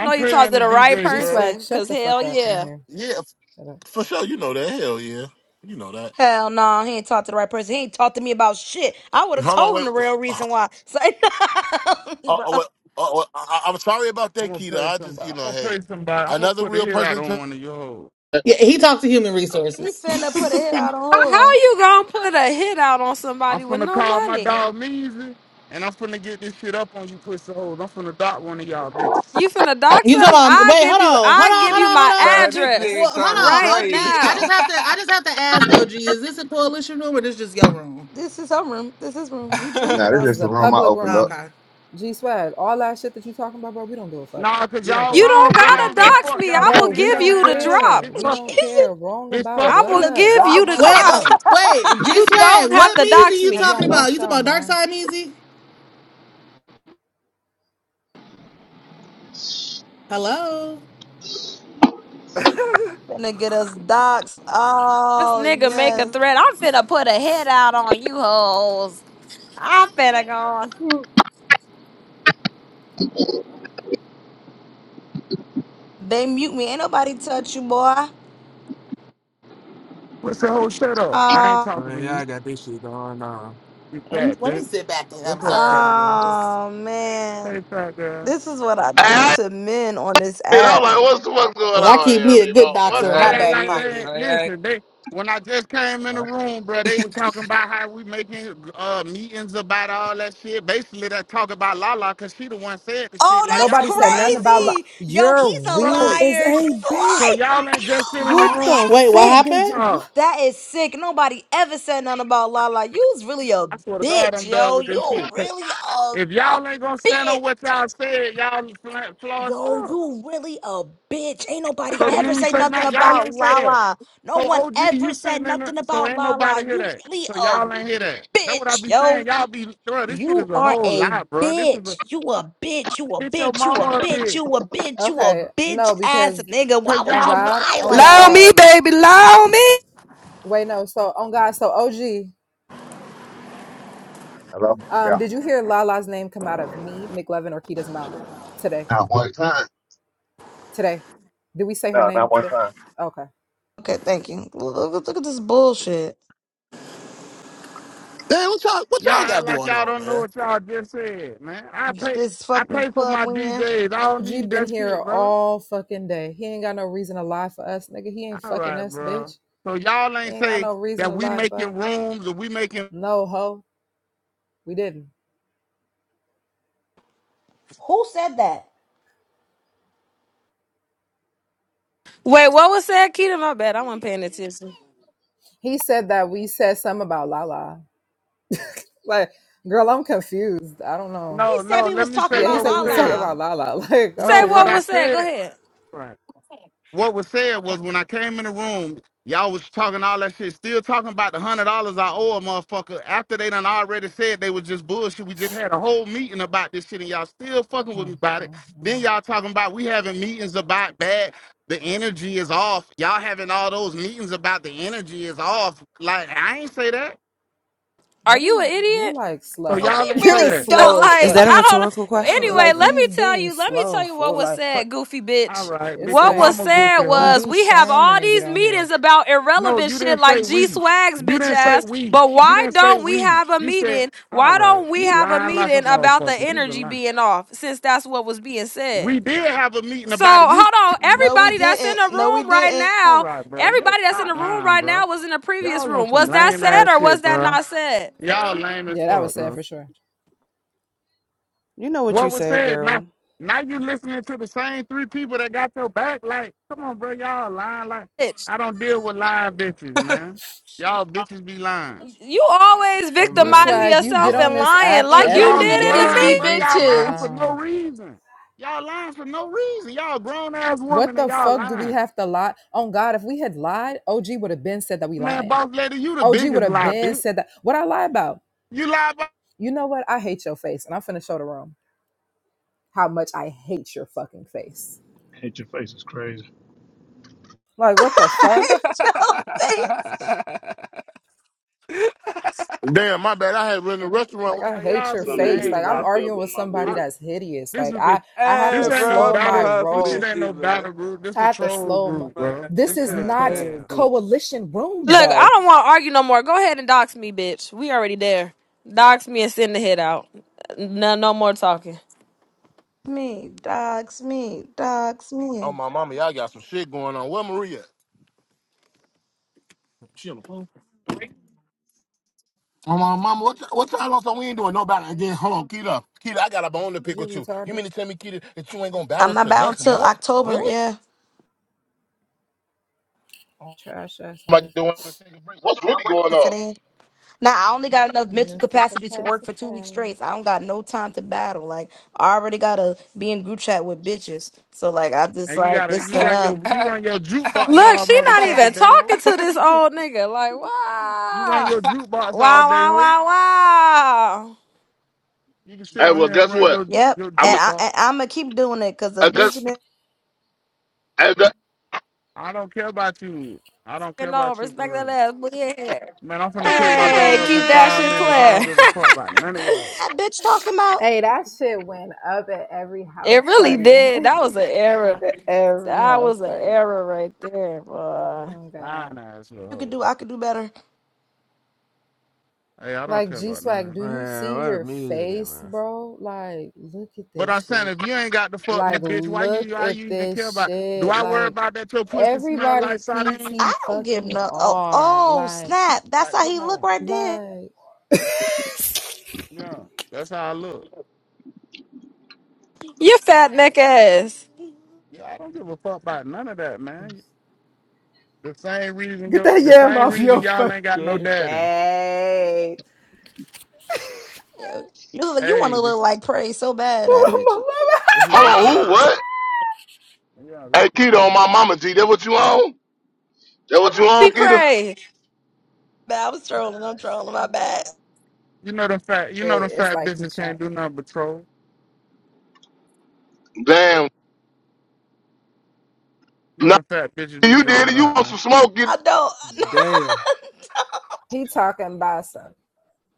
Speaker 7: I know you talked
Speaker 6: paying the
Speaker 7: to the right
Speaker 6: DJ,
Speaker 3: G
Speaker 6: bro.
Speaker 3: Swag,
Speaker 7: person,
Speaker 3: shut
Speaker 7: cause
Speaker 3: the
Speaker 7: hell
Speaker 3: fuck up in
Speaker 7: yeah.
Speaker 3: here.
Speaker 10: Yeah, f-
Speaker 3: Shut up.
Speaker 10: for sure. You know that. Hell yeah. You know that.
Speaker 2: Hell no, he ain't talk to the right person. He ain't talk to me about shit. I would have
Speaker 10: Hold on,
Speaker 2: told
Speaker 10: wait.
Speaker 2: him the real
Speaker 10: Oh,
Speaker 2: reason why. So bro,
Speaker 10: oh, wait. Oh, oh, I, I- I'm sorry about
Speaker 6: I'm
Speaker 10: that,
Speaker 6: gonna
Speaker 10: Keita.
Speaker 6: pay
Speaker 10: I just, you
Speaker 6: somebody.
Speaker 10: know,
Speaker 6: I'm gonna
Speaker 10: hey,
Speaker 6: pay somebody. I'm gonna
Speaker 10: another
Speaker 6: put a
Speaker 10: real
Speaker 6: hit out on
Speaker 10: person.
Speaker 6: one of your hoes.
Speaker 13: Yeah, he talked to human
Speaker 2: he
Speaker 13: resources. you
Speaker 2: finna put a hit out
Speaker 7: How
Speaker 2: on her.
Speaker 7: you gonna put a hit out on
Speaker 6: I'm
Speaker 7: somebody with
Speaker 6: finna
Speaker 7: no
Speaker 6: call my
Speaker 7: money?
Speaker 6: dog Measy, and I'm finna get this shit up on you pussy hoes. I'm finna dot one of y'all bitches.
Speaker 7: You finna dox us?
Speaker 13: talking about?
Speaker 7: I
Speaker 13: Wait, hold
Speaker 7: give
Speaker 13: on,
Speaker 7: you,
Speaker 13: hold on,
Speaker 7: I give
Speaker 13: hold
Speaker 7: you
Speaker 13: on,
Speaker 7: my
Speaker 13: hold on, hold on.
Speaker 11: man, this
Speaker 7: address
Speaker 13: Well,
Speaker 11: nigga
Speaker 13: hold
Speaker 11: talking
Speaker 7: right
Speaker 13: on, OG.
Speaker 11: crazy.
Speaker 13: I just
Speaker 7: now.
Speaker 13: have to, I just have to ask OG. Is this a coalition room or this just your room?
Speaker 2: This is her room. This is room. He
Speaker 1: Nah,
Speaker 2: tweaking
Speaker 1: this
Speaker 2: though.
Speaker 3: This is
Speaker 1: just the
Speaker 3: a
Speaker 1: room I
Speaker 3: public
Speaker 1: opened
Speaker 13: Oh,
Speaker 1: up.
Speaker 3: room.
Speaker 13: okay.
Speaker 3: G Swag, all that shit that you talking about, bro, we don't give a fuck.
Speaker 6: Nah, cause
Speaker 3: We don't
Speaker 6: y'all
Speaker 7: You
Speaker 3: care.
Speaker 6: wrong,
Speaker 7: don't
Speaker 6: bro.
Speaker 3: We
Speaker 6: I
Speaker 7: gotta
Speaker 3: don't
Speaker 6: don't give
Speaker 3: care.
Speaker 6: a
Speaker 7: dox
Speaker 6: fuck.
Speaker 7: me.
Speaker 6: Y'all
Speaker 7: I
Speaker 6: just
Speaker 7: will
Speaker 3: Bro,
Speaker 6: did
Speaker 3: we
Speaker 7: give
Speaker 6: that
Speaker 3: don't
Speaker 7: you
Speaker 6: lame
Speaker 7: the
Speaker 6: ass shit.
Speaker 3: care.
Speaker 7: drop.
Speaker 6: Bitch,
Speaker 3: We
Speaker 6: fuck
Speaker 3: don't
Speaker 6: you.
Speaker 2: He's
Speaker 3: care. Wrong
Speaker 6: Bitch,
Speaker 3: about
Speaker 6: fuck
Speaker 7: I
Speaker 2: in
Speaker 6: you.
Speaker 7: will
Speaker 2: the
Speaker 3: what?
Speaker 7: give
Speaker 3: Wrong
Speaker 7: you the
Speaker 3: about
Speaker 13: Wait,
Speaker 2: doctor.
Speaker 7: drop.
Speaker 13: uh,
Speaker 3: what?
Speaker 13: wait, G
Speaker 7: You
Speaker 13: Swag.
Speaker 7: don't have
Speaker 13: What
Speaker 7: to
Speaker 13: Measy
Speaker 7: dox
Speaker 13: you
Speaker 3: Have
Speaker 7: me.
Speaker 13: talking
Speaker 3: y'all
Speaker 13: about? You
Speaker 3: lost y'all
Speaker 13: talking about Dark
Speaker 3: mind?
Speaker 13: Side Measy? Hello.
Speaker 2: Finna get us docs.
Speaker 7: This
Speaker 2: Oh
Speaker 7: nigga make a
Speaker 2: yes.
Speaker 7: threat. I'm finna put a head out on you hoes. I'm finna go on.
Speaker 3: Hmm.
Speaker 2: They mute me. Ain't nobody touch you, boy.
Speaker 6: Pussy hoe, shut up. I ain't
Speaker 2: Oh,
Speaker 6: talking
Speaker 11: man,
Speaker 6: to
Speaker 11: y'all
Speaker 6: you.
Speaker 11: got this shit going on.
Speaker 6: You
Speaker 13: Let me
Speaker 6: fat
Speaker 13: let
Speaker 6: bitch.
Speaker 13: me sit back and
Speaker 6: What's up, fat
Speaker 13: observe,
Speaker 6: girl?
Speaker 13: cause,
Speaker 2: oh man.
Speaker 6: Hey, fat girl.
Speaker 2: This is what I do to men on this
Speaker 10: And I'm
Speaker 2: app.
Speaker 10: like, what's the fuck's going
Speaker 13: 'cause I
Speaker 10: on
Speaker 13: keep
Speaker 10: here,
Speaker 13: me a good
Speaker 10: people? What's
Speaker 13: doctor in
Speaker 10: going
Speaker 6: They
Speaker 13: my
Speaker 10: on?
Speaker 11: Right
Speaker 6: act
Speaker 13: back
Speaker 6: like
Speaker 11: here,
Speaker 6: they
Speaker 13: pocket.
Speaker 11: right
Speaker 6: listen. They when I just came in the room, bro, they were talking about how we making uh meetings about all that shit. Basically, that talk about Lala because she the one said the shit.
Speaker 2: Oh,
Speaker 6: Like
Speaker 2: that's
Speaker 6: y'all
Speaker 3: Nobody
Speaker 6: be
Speaker 3: said nothing
Speaker 6: lame as
Speaker 3: about lo-
Speaker 6: fuck,
Speaker 2: crazy. Yo,
Speaker 3: you're
Speaker 2: he's a
Speaker 3: weird
Speaker 6: bro.
Speaker 3: as
Speaker 2: liar. He's
Speaker 3: a
Speaker 2: a
Speaker 3: bitch.
Speaker 6: So
Speaker 2: liar.
Speaker 6: y'all ain't
Speaker 2: Yo,
Speaker 6: just sitting in the
Speaker 3: What
Speaker 6: room.
Speaker 3: the
Speaker 13: Wait,
Speaker 2: that's
Speaker 13: what
Speaker 3: fuck?
Speaker 2: sick.
Speaker 3: Then j-
Speaker 13: happened?
Speaker 3: what?
Speaker 6: Oh,
Speaker 2: That is sick. Nobody ever said nothing about Lala. You's really a
Speaker 6: I swear to God,
Speaker 2: bitch,
Speaker 6: I'm done
Speaker 2: yo.
Speaker 6: with this
Speaker 2: You
Speaker 6: shit.
Speaker 2: really a
Speaker 6: If y'all ain't gonna stand
Speaker 2: bitch.
Speaker 6: on what y'all said, y'all fl- flaw as
Speaker 2: Yo,
Speaker 6: fuck.
Speaker 2: you really a bitch. Ain't nobody
Speaker 6: So you
Speaker 2: ever
Speaker 11: here. Hey,
Speaker 6: ain't
Speaker 2: say
Speaker 6: say
Speaker 2: nothing
Speaker 6: nothing. Y'all
Speaker 2: about
Speaker 6: ain't say that.
Speaker 2: Lala. No
Speaker 6: So
Speaker 2: one
Speaker 6: OG,
Speaker 2: ever
Speaker 6: you
Speaker 2: said
Speaker 6: sitting in the,
Speaker 2: nothing
Speaker 6: so
Speaker 2: about
Speaker 6: ain't
Speaker 2: Lala.
Speaker 6: nobody hear
Speaker 2: You
Speaker 6: that.
Speaker 2: really
Speaker 6: So
Speaker 2: a
Speaker 6: y'all ain't hear that. That's what I
Speaker 2: bitch,
Speaker 6: be
Speaker 2: yo.
Speaker 6: saying. Y'all be, bro, this shit
Speaker 2: You
Speaker 6: is a
Speaker 2: are
Speaker 6: whole
Speaker 2: a
Speaker 6: lie, bro. This is a,
Speaker 2: bitch. You a bitch. You a
Speaker 6: bitch, your
Speaker 2: bitch. You
Speaker 6: mama
Speaker 2: a
Speaker 6: up
Speaker 2: bitch.
Speaker 6: there.
Speaker 2: You a bitch. You a
Speaker 3: Okay,
Speaker 2: bitch
Speaker 3: no,
Speaker 2: ass
Speaker 3: because
Speaker 2: nigga. Why
Speaker 6: Cause
Speaker 2: would
Speaker 3: on
Speaker 6: y'all,
Speaker 2: you
Speaker 6: lo-
Speaker 3: God,
Speaker 2: lie
Speaker 3: on
Speaker 2: like
Speaker 4: Love
Speaker 3: God.
Speaker 4: me,
Speaker 2: that?
Speaker 4: baby, love me.
Speaker 3: Wait, no. So on God, so OG.
Speaker 1: Hello? Yeah.
Speaker 3: Um, did you hear Lala's name come out of me, McLevin, or Kita's mouth today?
Speaker 1: Not one time.
Speaker 3: Today. Did we say her
Speaker 1: No, not
Speaker 3: name
Speaker 1: one
Speaker 3: today?
Speaker 1: time.
Speaker 3: Okay.
Speaker 2: Okay, thank you. Look, look- look at this bullshit.
Speaker 10: Damn, what y'all, what
Speaker 6: y'all
Speaker 10: y'all
Speaker 6: act
Speaker 10: got
Speaker 6: like
Speaker 10: going
Speaker 6: y'all
Speaker 10: on,
Speaker 6: don't know
Speaker 10: man?
Speaker 6: what y'all just said, man. I pay,
Speaker 2: This
Speaker 6: I
Speaker 2: fucking
Speaker 6: pay for
Speaker 2: club
Speaker 6: my
Speaker 2: win.
Speaker 6: DJs. I don't
Speaker 3: G
Speaker 6: need
Speaker 3: been
Speaker 6: that
Speaker 3: here
Speaker 6: shit, bro.
Speaker 3: all fucking day. He ain't got no reason to lie for us, nigga. He ain't
Speaker 6: All
Speaker 3: fucking
Speaker 6: right,
Speaker 3: us,
Speaker 6: bro.
Speaker 3: bitch.
Speaker 6: So y'all
Speaker 3: He
Speaker 6: ain't
Speaker 3: ain't got
Speaker 6: say
Speaker 3: no reason
Speaker 6: that
Speaker 3: to
Speaker 6: we
Speaker 3: lie for
Speaker 6: making
Speaker 3: us.
Speaker 6: rooms or we making,
Speaker 3: No, ho. We didn't.
Speaker 2: Who said that?
Speaker 7: Wait, what was said, Keita? My bad. I wasn't paying attention.
Speaker 3: He said that we said something about Lala. Like, girl, I'm confused. I don't know.
Speaker 2: He
Speaker 6: no,
Speaker 2: said
Speaker 6: no,
Speaker 2: we
Speaker 6: let
Speaker 2: was
Speaker 6: me
Speaker 2: talking
Speaker 6: say
Speaker 3: Yeah, he
Speaker 2: about
Speaker 6: what
Speaker 3: said
Speaker 6: was
Speaker 3: we was talking
Speaker 6: said.
Speaker 3: about
Speaker 2: Lala.
Speaker 3: Lala. Like, I'm
Speaker 6: No,
Speaker 7: Say
Speaker 6: what
Speaker 7: what
Speaker 6: I
Speaker 3: confused.
Speaker 7: was said. Go
Speaker 6: said.
Speaker 7: ahead.
Speaker 6: Right. what was said was when I came in the room, y'all was talking all that shit, still talking about the hundred dollars I owe a motherfucker after they done already said they was just bullshit. We just had a whole meeting about this shit and y'all still fucking with
Speaker 3: Hmm,
Speaker 6: me about it.
Speaker 3: hmm, hmm.
Speaker 6: Then y'all talking about we having meetings about bad the energy is off. Y'all having all those meetings about the energy is off. Like I ain't say that.
Speaker 7: Are
Speaker 3: What are
Speaker 7: you an
Speaker 3: you? You're
Speaker 7: idiot?
Speaker 3: like
Speaker 6: So
Speaker 2: Oh,
Speaker 3: slow.
Speaker 2: he
Speaker 6: y'all ain't say
Speaker 3: You're
Speaker 2: really
Speaker 6: that.
Speaker 7: Uh,
Speaker 2: dumb.
Speaker 3: slow as
Speaker 4: Is
Speaker 7: like
Speaker 3: fuck.
Speaker 4: that a
Speaker 7: I
Speaker 4: rhetorical
Speaker 7: don't.
Speaker 6: All
Speaker 4: question?
Speaker 6: right,
Speaker 7: Anyway,
Speaker 3: Like
Speaker 7: let
Speaker 6: bro.
Speaker 7: me
Speaker 3: he's
Speaker 7: tell
Speaker 3: being
Speaker 7: you. Let me tell
Speaker 3: slow
Speaker 7: you what
Speaker 3: for
Speaker 7: was
Speaker 3: like
Speaker 6: But
Speaker 7: said, goofy
Speaker 6: all
Speaker 7: bitch.
Speaker 6: right,
Speaker 3: it's
Speaker 6: bitch, your
Speaker 7: What was
Speaker 3: like
Speaker 6: mama
Speaker 7: said
Speaker 6: goofy
Speaker 3: he
Speaker 6: hoe.
Speaker 7: was
Speaker 3: do
Speaker 7: we have
Speaker 3: sherm and
Speaker 7: all
Speaker 3: then get
Speaker 7: these
Speaker 3: on
Speaker 7: meetings
Speaker 3: here.
Speaker 7: about
Speaker 6: No,
Speaker 7: irrelevant
Speaker 6: you
Speaker 7: shit
Speaker 6: didn't say
Speaker 7: like
Speaker 6: we.
Speaker 7: G Swag's
Speaker 6: You
Speaker 7: bitch
Speaker 6: didn't say
Speaker 7: ass,
Speaker 6: we.
Speaker 7: but
Speaker 6: You
Speaker 7: why
Speaker 6: didn't say
Speaker 7: don't we
Speaker 6: we.
Speaker 7: have a
Speaker 6: You said,
Speaker 7: meeting?
Speaker 6: all
Speaker 7: Why
Speaker 6: right,
Speaker 7: don't we
Speaker 6: you
Speaker 7: have a
Speaker 6: lying like a
Speaker 7: meeting about the
Speaker 6: motherfucker. You just
Speaker 7: energy
Speaker 6: lying.
Speaker 7: being off? Since that's what was being said.
Speaker 6: We did have a meeting
Speaker 7: So
Speaker 6: about it. You s-
Speaker 7: hold on,
Speaker 2: No, we
Speaker 7: everybody that's in
Speaker 2: didn't.
Speaker 7: the
Speaker 2: No, we
Speaker 7: room right
Speaker 2: didn't.
Speaker 6: all
Speaker 7: now,
Speaker 6: right, bro. You're
Speaker 7: everybody that's in
Speaker 6: not
Speaker 7: the room
Speaker 6: lying,
Speaker 7: right
Speaker 6: bro.
Speaker 7: now was in the previous
Speaker 6: Y'all on
Speaker 7: room.
Speaker 6: some
Speaker 7: Was that
Speaker 6: lame ass
Speaker 7: said or
Speaker 6: shit,
Speaker 7: was that
Speaker 6: bro.
Speaker 7: not said?
Speaker 6: Y'all lame as
Speaker 3: Yeah, that
Speaker 6: fuck,
Speaker 3: was sad
Speaker 6: bro.
Speaker 3: for sure.
Speaker 4: You know what you
Speaker 6: What was
Speaker 4: said,
Speaker 6: said?
Speaker 4: girl.
Speaker 6: Now, now you listening to the same three people that got your back. Like, come on, bro. Y'all lying. Like, I don't deal with lying bitches, man. Y'all bitches be lying.
Speaker 7: You always
Speaker 3: G
Speaker 11: man,
Speaker 7: victimizing
Speaker 11: this
Speaker 3: Swag,
Speaker 11: shit
Speaker 3: you get
Speaker 7: yourself
Speaker 3: on
Speaker 7: and
Speaker 11: going
Speaker 3: this
Speaker 7: lying
Speaker 3: app
Speaker 6: Cause
Speaker 7: like
Speaker 2: And you
Speaker 7: you
Speaker 6: y'all
Speaker 3: every
Speaker 7: did
Speaker 6: be
Speaker 7: in the
Speaker 3: day
Speaker 2: niggas
Speaker 3: and
Speaker 7: me.
Speaker 2: be
Speaker 6: lying,
Speaker 3: you
Speaker 6: bro.
Speaker 3: just
Speaker 6: Y'all lying
Speaker 2: bitches.
Speaker 6: for
Speaker 3: lie.
Speaker 6: no reason. Y'all lying for no reason. Y'all grown ass
Speaker 3: What
Speaker 6: woman and
Speaker 3: the
Speaker 6: y'all
Speaker 3: fuck do we
Speaker 6: lying.
Speaker 3: have to lie? Oh God, if we had lied, OG would have been said that we
Speaker 6: Man,
Speaker 3: lying.
Speaker 6: boss lady, you the
Speaker 3: OG
Speaker 6: biggest
Speaker 3: would have
Speaker 6: lie,
Speaker 3: been
Speaker 6: bitch.
Speaker 3: said that. What I lie about?
Speaker 6: You lie, boss
Speaker 3: You know what? I hate your face, and I'm finna show the room how much I hate your fucking face.
Speaker 14: Hate your face is crazy.
Speaker 3: Like what the fuck?
Speaker 11: on.
Speaker 2: Joe, face
Speaker 10: Damn, my bad. I had been in the restaurant.
Speaker 3: Like I
Speaker 6: Like
Speaker 3: hate
Speaker 6: y'all
Speaker 3: your
Speaker 6: be
Speaker 14: Something that
Speaker 3: face.
Speaker 6: lame,
Speaker 14: just
Speaker 3: Like I'm
Speaker 6: bro.
Speaker 14: popped up
Speaker 3: arguing with
Speaker 14: on
Speaker 3: somebody
Speaker 6: I,
Speaker 3: that's hideous.
Speaker 6: this
Speaker 3: Like
Speaker 6: is a,
Speaker 3: I I have
Speaker 6: this
Speaker 11: hey,
Speaker 3: to
Speaker 6: ain't no
Speaker 11: bro, I'm
Speaker 3: slow
Speaker 11: too
Speaker 3: my
Speaker 6: battle.
Speaker 11: hot for
Speaker 6: This shit
Speaker 11: this
Speaker 3: roll.
Speaker 6: ain't no
Speaker 11: shit,
Speaker 6: battle
Speaker 11: man.
Speaker 6: group. This
Speaker 3: I
Speaker 6: a
Speaker 3: have to
Speaker 6: troll
Speaker 3: slow my.
Speaker 6: group,
Speaker 11: Man,
Speaker 6: bro.
Speaker 3: This
Speaker 6: This
Speaker 3: is
Speaker 6: shit a
Speaker 11: god
Speaker 3: not
Speaker 6: troll
Speaker 11: damn.
Speaker 6: group.
Speaker 3: coalition room
Speaker 7: Look, I
Speaker 3: though.
Speaker 7: don't want to argue no more. Go ahead and dox me, bitch. We already there. Dox me and send the hit out. No, no more talking.
Speaker 2: me, dogs me, dogs
Speaker 10: Oh,
Speaker 2: me.
Speaker 10: my mama, y'all got some shit going on. Where Maria? Oh, my mama, what, y'all- what y'all on? So we ain't doing no battle. Again, hold on, Keita. Keita, I got a bone to
Speaker 3: Is
Speaker 10: pick
Speaker 3: you
Speaker 10: with you. You
Speaker 3: retarded?
Speaker 10: mean to tell me, Keita, that you ain't going to
Speaker 2: I'm
Speaker 10: battle
Speaker 2: not
Speaker 10: till
Speaker 2: bound
Speaker 10: next
Speaker 2: till
Speaker 10: month?
Speaker 2: October.
Speaker 10: Really?
Speaker 2: Yeah,
Speaker 3: Trash ass
Speaker 10: I'm like,
Speaker 3: niggas.
Speaker 10: "They wanna take a break." What's really going
Speaker 2: that's
Speaker 10: on?
Speaker 2: it. eh? Now I only got enough mental
Speaker 3: Mental
Speaker 2: capacity to work for two weeks
Speaker 3: capacity.
Speaker 2: straight. So I don't got no time to battle. Like I already gotta be in group chat with bitches. So like I just
Speaker 6: And you
Speaker 2: like
Speaker 6: gotta,
Speaker 2: this is
Speaker 6: you run
Speaker 2: enough.
Speaker 6: your, you run your jukebox
Speaker 7: Look,
Speaker 6: all
Speaker 7: she not even
Speaker 6: motherfucking day, ho.
Speaker 7: talking to this old nigga. Like,
Speaker 6: You run
Speaker 7: wow,
Speaker 6: your jukebox all
Speaker 7: wow,
Speaker 6: day,
Speaker 7: wow,
Speaker 6: ho.
Speaker 7: wow, wow.
Speaker 6: You can sit
Speaker 10: Hey,
Speaker 6: on
Speaker 10: well,
Speaker 6: here and
Speaker 10: guess
Speaker 6: run
Speaker 10: what?
Speaker 6: your
Speaker 2: Yep.
Speaker 6: your
Speaker 10: I'm a,
Speaker 2: And I and
Speaker 6: jukebox.
Speaker 2: I'm gonna keep doing it because the
Speaker 10: I guess,
Speaker 2: bitch
Speaker 10: I guess,
Speaker 6: I don't care about you. I don't
Speaker 7: You
Speaker 6: care
Speaker 7: know,
Speaker 6: about you for
Speaker 7: respect that
Speaker 6: real.
Speaker 7: ass, but yeah.
Speaker 6: Man, I'm finna pick my daughter
Speaker 7: Hey,
Speaker 6: up in
Speaker 7: keep that
Speaker 6: five
Speaker 7: shit
Speaker 6: minutes. I don't
Speaker 7: playing.
Speaker 6: give a fuck about none of y'all.
Speaker 2: that bitch talking about
Speaker 3: Hey, that shit went up at every
Speaker 7: it
Speaker 3: house
Speaker 7: really
Speaker 3: party.
Speaker 7: did. That was an error.
Speaker 3: every
Speaker 7: That
Speaker 3: house
Speaker 7: was an
Speaker 3: party.
Speaker 7: error right there, boy.
Speaker 3: Oh god.
Speaker 6: Lying ass little
Speaker 2: you could do.
Speaker 6: hoes.
Speaker 2: I could do better.
Speaker 6: Hey, I don't
Speaker 3: Like
Speaker 6: care
Speaker 3: G
Speaker 6: about none of
Speaker 3: Swag,
Speaker 6: that.
Speaker 3: do you
Speaker 11: man,
Speaker 3: see
Speaker 11: what the
Speaker 3: your
Speaker 11: music at,
Speaker 3: face,
Speaker 11: man?
Speaker 3: bro? Like, look at
Speaker 6: But I'm
Speaker 3: this
Speaker 6: saying
Speaker 3: shit.
Speaker 6: if you ain't got to fuck me,
Speaker 3: Like,
Speaker 6: bitch, why
Speaker 3: look
Speaker 6: you why
Speaker 3: at
Speaker 6: you even care
Speaker 3: this
Speaker 6: about do
Speaker 3: shit.
Speaker 6: I worry
Speaker 3: Like.
Speaker 6: about that your pussy smell like
Speaker 3: Everybody
Speaker 6: sardines?
Speaker 2: I
Speaker 3: PT
Speaker 2: don't give
Speaker 3: fucking
Speaker 2: no. Oh,
Speaker 3: R.
Speaker 2: oh
Speaker 3: Like,
Speaker 2: snap! That's
Speaker 6: Like,
Speaker 2: how he
Speaker 6: come
Speaker 2: look
Speaker 6: on.
Speaker 2: right there.
Speaker 3: like,
Speaker 6: Yeah. That's how I look.
Speaker 7: You fat neck ass.
Speaker 6: Yeah, I don't give a fuck about none of that, man. The same reason
Speaker 3: get
Speaker 6: yo
Speaker 3: that
Speaker 6: the
Speaker 3: yam
Speaker 6: same
Speaker 3: off
Speaker 6: reason
Speaker 3: your
Speaker 6: y'all ain't got no
Speaker 3: fucking
Speaker 6: daddy.
Speaker 3: face.
Speaker 2: Yo, You you want
Speaker 6: Hey,
Speaker 2: to look
Speaker 6: this
Speaker 2: like Prey so bad in that picture.
Speaker 6: who
Speaker 10: hold
Speaker 6: you
Speaker 10: on,
Speaker 6: tell.
Speaker 10: who, what?
Speaker 6: Yeah, this
Speaker 10: Hey,
Speaker 6: shit
Speaker 10: Keita, on
Speaker 6: real.
Speaker 10: my mama, G, that what you on? That what you on,
Speaker 7: Be
Speaker 10: Keita?
Speaker 7: praised.
Speaker 2: Man, I was trolling. I'm trolling. My bad.
Speaker 6: You know them fat. You know them
Speaker 3: It's
Speaker 6: fat
Speaker 3: like he
Speaker 6: bitches
Speaker 3: trying,
Speaker 6: can't do nothing but troll.
Speaker 10: Damn.
Speaker 6: You know
Speaker 10: no,
Speaker 6: them fat bitches be
Speaker 10: You did it.
Speaker 6: drama
Speaker 10: You
Speaker 6: out,
Speaker 10: want
Speaker 6: man.
Speaker 10: some smoke? Get,
Speaker 2: I don't.
Speaker 11: Damn,
Speaker 3: he talking about some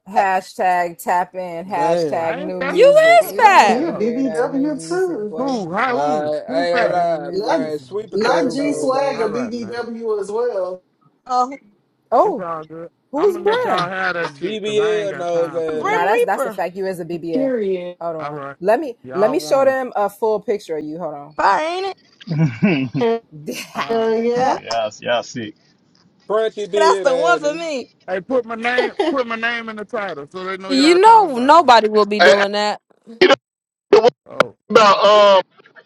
Speaker 3: hashtag tap in,
Speaker 11: damn.
Speaker 3: hashtag
Speaker 6: I ain't
Speaker 3: new
Speaker 6: fat.
Speaker 7: You
Speaker 6: The
Speaker 3: music.
Speaker 7: is
Speaker 6: fuck
Speaker 3: We don't
Speaker 6: wrong with
Speaker 3: want to
Speaker 7: fat.
Speaker 15: Yeah,
Speaker 6: y'all?
Speaker 3: hear that new
Speaker 15: BBW
Speaker 3: music,
Speaker 15: too.
Speaker 3: boy.
Speaker 6: Who? How?
Speaker 11: Nah,
Speaker 6: Who?
Speaker 11: I
Speaker 6: Who
Speaker 11: ain't gonna
Speaker 3: That
Speaker 6: fat?
Speaker 3: new
Speaker 11: lie,
Speaker 3: music
Speaker 15: Not
Speaker 3: is
Speaker 11: man. Sweet potato
Speaker 15: not
Speaker 3: boo
Speaker 15: G
Speaker 11: knows
Speaker 15: Swag
Speaker 3: booing.
Speaker 6: All
Speaker 15: or
Speaker 11: Annie.
Speaker 6: right, man.
Speaker 15: BBW as well.
Speaker 2: oh,
Speaker 6: It's
Speaker 3: Oh,
Speaker 6: all good. I'm
Speaker 3: who's
Speaker 6: gonna let
Speaker 3: Brim?
Speaker 6: y'all have that shit because I ain't
Speaker 11: BBL
Speaker 6: got
Speaker 11: knows
Speaker 6: time
Speaker 2: the
Speaker 6: for it.
Speaker 3: Nah,
Speaker 11: Annie.
Speaker 2: Brim
Speaker 3: that's that's the
Speaker 2: Reaper.
Speaker 3: fact. You is a BBL.
Speaker 15: Period.
Speaker 3: Hold
Speaker 6: All
Speaker 3: on.
Speaker 6: right,
Speaker 3: Let me let
Speaker 6: y'all
Speaker 3: me show
Speaker 6: won.
Speaker 3: them a full picture of you. Hold on.
Speaker 2: Fire ain't it?
Speaker 14: my head.
Speaker 15: Uh,
Speaker 6: Uh,
Speaker 15: yeah.
Speaker 2: Yeah,
Speaker 14: Boy, y'all, y'all sick.
Speaker 11: Crunchy
Speaker 2: that's
Speaker 11: did
Speaker 2: the one for
Speaker 11: Annie.
Speaker 2: me.
Speaker 6: hey, put my name. Put my name in the title so they know
Speaker 7: You
Speaker 6: y'all talking
Speaker 7: know
Speaker 6: about me.
Speaker 7: nobody will be
Speaker 10: uh,
Speaker 7: doing that.
Speaker 10: get up. What
Speaker 6: Oh,
Speaker 10: about um?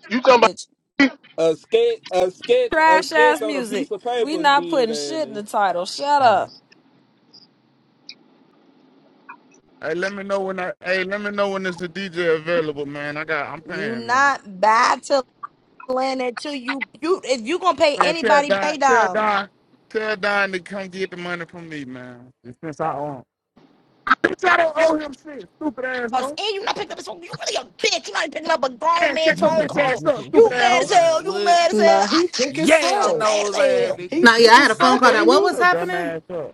Speaker 10: You talking about
Speaker 2: Bitch,
Speaker 11: A sketch, a sketch, a
Speaker 7: Trash
Speaker 11: sketch
Speaker 7: ass
Speaker 11: on a
Speaker 7: music.
Speaker 11: piece of
Speaker 7: We
Speaker 11: paper
Speaker 7: not
Speaker 11: did
Speaker 7: putting shit in
Speaker 11: Annie.
Speaker 7: the title. Shut
Speaker 6: all right.
Speaker 7: up.
Speaker 6: Hey, let me know when I. Hey, let me know when there's a DJ available, man. I got. I'm
Speaker 2: you
Speaker 6: paying, man.
Speaker 2: not buy to land that too. You you if you gonna pay
Speaker 6: Man, tell
Speaker 2: anybody,
Speaker 6: Don,
Speaker 2: pay
Speaker 6: tell
Speaker 2: down.
Speaker 6: Don, tell Don to come get the money from me, man. And Since I own. Bitch, I don't owe him shit, stupid
Speaker 2: calls
Speaker 6: asshole.
Speaker 2: and you not picking up his phone. You really a bitch. You're not picking up a grown
Speaker 6: And
Speaker 2: man's
Speaker 6: shut your
Speaker 2: phone
Speaker 6: bitch ass
Speaker 2: call.
Speaker 6: up, stupid
Speaker 2: You mad as
Speaker 6: asshole.
Speaker 11: Man,
Speaker 2: hell. You
Speaker 11: what?
Speaker 2: mad as hell.
Speaker 15: nah,
Speaker 2: I
Speaker 15: he thick as
Speaker 2: got you
Speaker 11: Yam
Speaker 15: fuck.
Speaker 2: mad as
Speaker 11: knows
Speaker 2: hell.
Speaker 11: Annie.
Speaker 15: He
Speaker 13: Nah, yeah, I
Speaker 15: thick
Speaker 13: had
Speaker 15: as
Speaker 13: a phone
Speaker 15: fuck,
Speaker 13: call. Now,
Speaker 6: And
Speaker 15: ain't
Speaker 13: what
Speaker 6: shut
Speaker 15: he?
Speaker 13: was
Speaker 6: your dumb
Speaker 13: happening?
Speaker 6: ass up.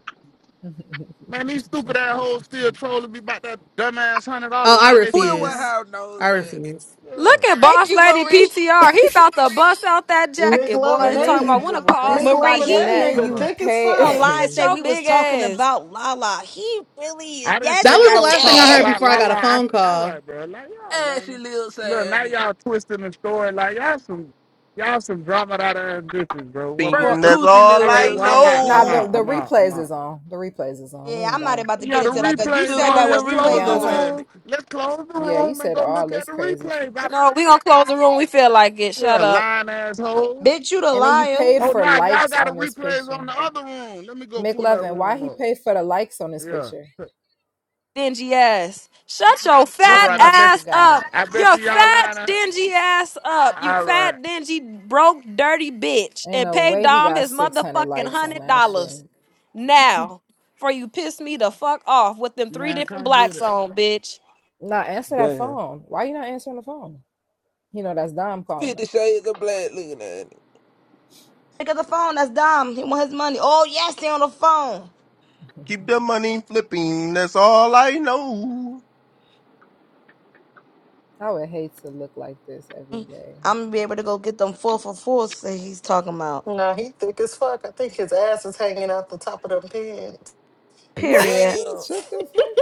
Speaker 6: Man, these stupid assholes still trolling me about that dumbass hundred
Speaker 13: Oh,
Speaker 6: dollars
Speaker 13: I
Speaker 6: like they finna
Speaker 11: Will
Speaker 6: man.
Speaker 13: refuse.
Speaker 11: Woodhouse
Speaker 13: I
Speaker 11: knows Annie.
Speaker 13: refuse.
Speaker 6: Yeah.
Speaker 7: Look at
Speaker 2: Thank
Speaker 7: Boss
Speaker 2: you,
Speaker 7: Lady
Speaker 2: Marie.
Speaker 7: PTR. He about to bust out that
Speaker 15: Nick
Speaker 7: jacket, boy,
Speaker 15: loving
Speaker 3: and
Speaker 7: and
Speaker 15: that
Speaker 3: then
Speaker 7: talking about
Speaker 15: nigga.
Speaker 6: I
Speaker 3: you
Speaker 6: don't give
Speaker 7: wanna
Speaker 6: a
Speaker 7: call
Speaker 6: fuck.
Speaker 15: Nick
Speaker 2: Marie,
Speaker 7: somebody
Speaker 15: loving
Speaker 2: he
Speaker 3: and
Speaker 15: that
Speaker 7: fat.
Speaker 3: then
Speaker 6: All
Speaker 15: nigga
Speaker 3: you
Speaker 6: right.
Speaker 15: thick as
Speaker 3: pay.
Speaker 15: fuck.
Speaker 7: Look
Speaker 2: online
Speaker 7: at
Speaker 2: say
Speaker 7: your
Speaker 2: we was
Speaker 7: big
Speaker 2: talking
Speaker 7: ass.
Speaker 2: about Lala. He really
Speaker 6: I didn't
Speaker 13: That
Speaker 2: Yes,
Speaker 6: say
Speaker 13: was the
Speaker 2: you
Speaker 6: y'all was
Speaker 13: last thing I
Speaker 6: talking
Speaker 13: heard
Speaker 2: did.
Speaker 6: about
Speaker 13: before I
Speaker 6: La
Speaker 13: got
Speaker 6: La.
Speaker 13: a
Speaker 6: I,
Speaker 13: phone
Speaker 6: all
Speaker 13: call.
Speaker 6: right, bro. Like y'all,
Speaker 11: Ashley
Speaker 6: lame.
Speaker 11: lives
Speaker 6: Look, now
Speaker 11: Annie.
Speaker 6: y'all twisting the story. Like y'all some, y'all some drama out of bitches, bro. Well,
Speaker 16: flipping,
Speaker 11: Bert
Speaker 6: fuck. it.
Speaker 16: that's
Speaker 11: Coochie
Speaker 16: all
Speaker 6: All
Speaker 11: lives
Speaker 6: right.
Speaker 16: I
Speaker 11: lives
Speaker 6: Well, I'm out.
Speaker 11: Annie.
Speaker 3: nah,
Speaker 6: I'm
Speaker 3: the
Speaker 6: out.
Speaker 3: the
Speaker 16: know.
Speaker 6: I'm out. I'm
Speaker 3: replays
Speaker 6: out.
Speaker 3: is on. The replays is on. We
Speaker 2: Yeah,
Speaker 3: ain't
Speaker 2: I'm not
Speaker 3: gotta.
Speaker 2: about to get
Speaker 6: Yeah,
Speaker 3: You
Speaker 6: the
Speaker 2: into
Speaker 3: feel me?
Speaker 2: that because you
Speaker 11: The
Speaker 6: replays
Speaker 2: said that
Speaker 6: on.
Speaker 2: with
Speaker 6: Let's
Speaker 11: Grim
Speaker 3: You know
Speaker 11: Reaper
Speaker 6: close
Speaker 3: what
Speaker 2: replays
Speaker 6: the
Speaker 3: I'm
Speaker 11: looking at
Speaker 3: saying?
Speaker 2: on.
Speaker 11: Annie.
Speaker 6: room. Let's close the
Speaker 3: Yeah, you
Speaker 6: room and
Speaker 3: said
Speaker 6: go
Speaker 3: all
Speaker 6: look at
Speaker 3: this
Speaker 6: the
Speaker 3: crazy shit.
Speaker 6: replays. I,
Speaker 7: No, we gonna close the room. We feel like it. Shut
Speaker 6: yeah,
Speaker 7: up.
Speaker 6: lying asshole.
Speaker 2: Bitch, you the
Speaker 3: And then you
Speaker 2: liar.
Speaker 3: paid
Speaker 6: Oh,
Speaker 3: for
Speaker 6: nah, y'all
Speaker 3: likes
Speaker 6: got the
Speaker 3: on this
Speaker 6: replays on
Speaker 3: picture.
Speaker 6: the other room. Let me go pull that
Speaker 3: McLevin, why
Speaker 6: room
Speaker 3: he
Speaker 6: up.
Speaker 3: paid for the likes on this
Speaker 6: Yeah.
Speaker 3: picture?
Speaker 7: dingy ass. Shut your
Speaker 6: All
Speaker 3: This
Speaker 7: fat
Speaker 6: right. I bet.
Speaker 3: motherfucker
Speaker 7: ass up.
Speaker 3: got
Speaker 6: I bet
Speaker 7: Your
Speaker 6: you y'all
Speaker 7: fat
Speaker 6: lying. a-
Speaker 7: dingy ass up. You
Speaker 6: All right,
Speaker 7: fat dingy broke dirty bitch.
Speaker 3: ain't
Speaker 7: And
Speaker 3: no
Speaker 7: pay
Speaker 3: way he
Speaker 7: Dom
Speaker 3: got
Speaker 7: his
Speaker 3: six hundred
Speaker 7: motherfucking
Speaker 3: likes on
Speaker 7: hundred
Speaker 3: that shit.
Speaker 7: dollars now for you piss me the fuck off with them three
Speaker 6: man.
Speaker 7: different
Speaker 6: Come get
Speaker 7: blacks
Speaker 6: it.
Speaker 7: on, bitch.
Speaker 3: Nah, answer that
Speaker 11: Damn.
Speaker 3: phone. Why you not answering the phone? You know that's Dom calling
Speaker 11: Fifty Shades of Black looking at Annie.
Speaker 2: Pick up the phone. That's Dom. He want his money. Oh, yes, they on the phone.
Speaker 3: him.
Speaker 16: Keep the money flipping, that's all I know.
Speaker 3: I would hate to look like this every day.
Speaker 2: I'm going to be able to go get them four for four. Say he's talking about.
Speaker 15: Nah, he thick as fuck. I think his ass is hanging out the top of them pants.
Speaker 2: Period.
Speaker 11: Damn.
Speaker 3: Shut the fuck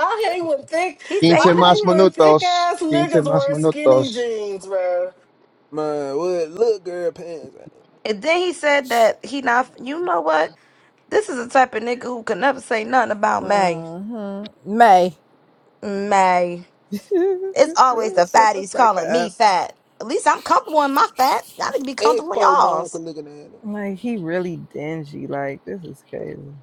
Speaker 15: I hate when thick.
Speaker 2: He
Speaker 1: Quince
Speaker 2: say.
Speaker 1: más
Speaker 15: I hate when thick
Speaker 1: minutos.
Speaker 15: ass
Speaker 1: Quince
Speaker 15: niggas
Speaker 1: más
Speaker 15: wear skinny
Speaker 1: minutos.
Speaker 15: jeans, bro.
Speaker 11: Man, what little girl pants?
Speaker 2: And then he said that he not. You know what? This is the type of nigga who can never say nothing about
Speaker 3: up.
Speaker 2: May.
Speaker 3: Uh-huh. May.
Speaker 2: May. It's always the
Speaker 3: Shut the
Speaker 2: fatties
Speaker 3: fuck
Speaker 2: calling me
Speaker 3: up.
Speaker 2: fat. At least I'm comfortable in my fat. I need to be comfortable in
Speaker 11: Expo Monica
Speaker 2: y'all's.
Speaker 11: looking at it.
Speaker 3: Like he really dingy. Like this is crazy.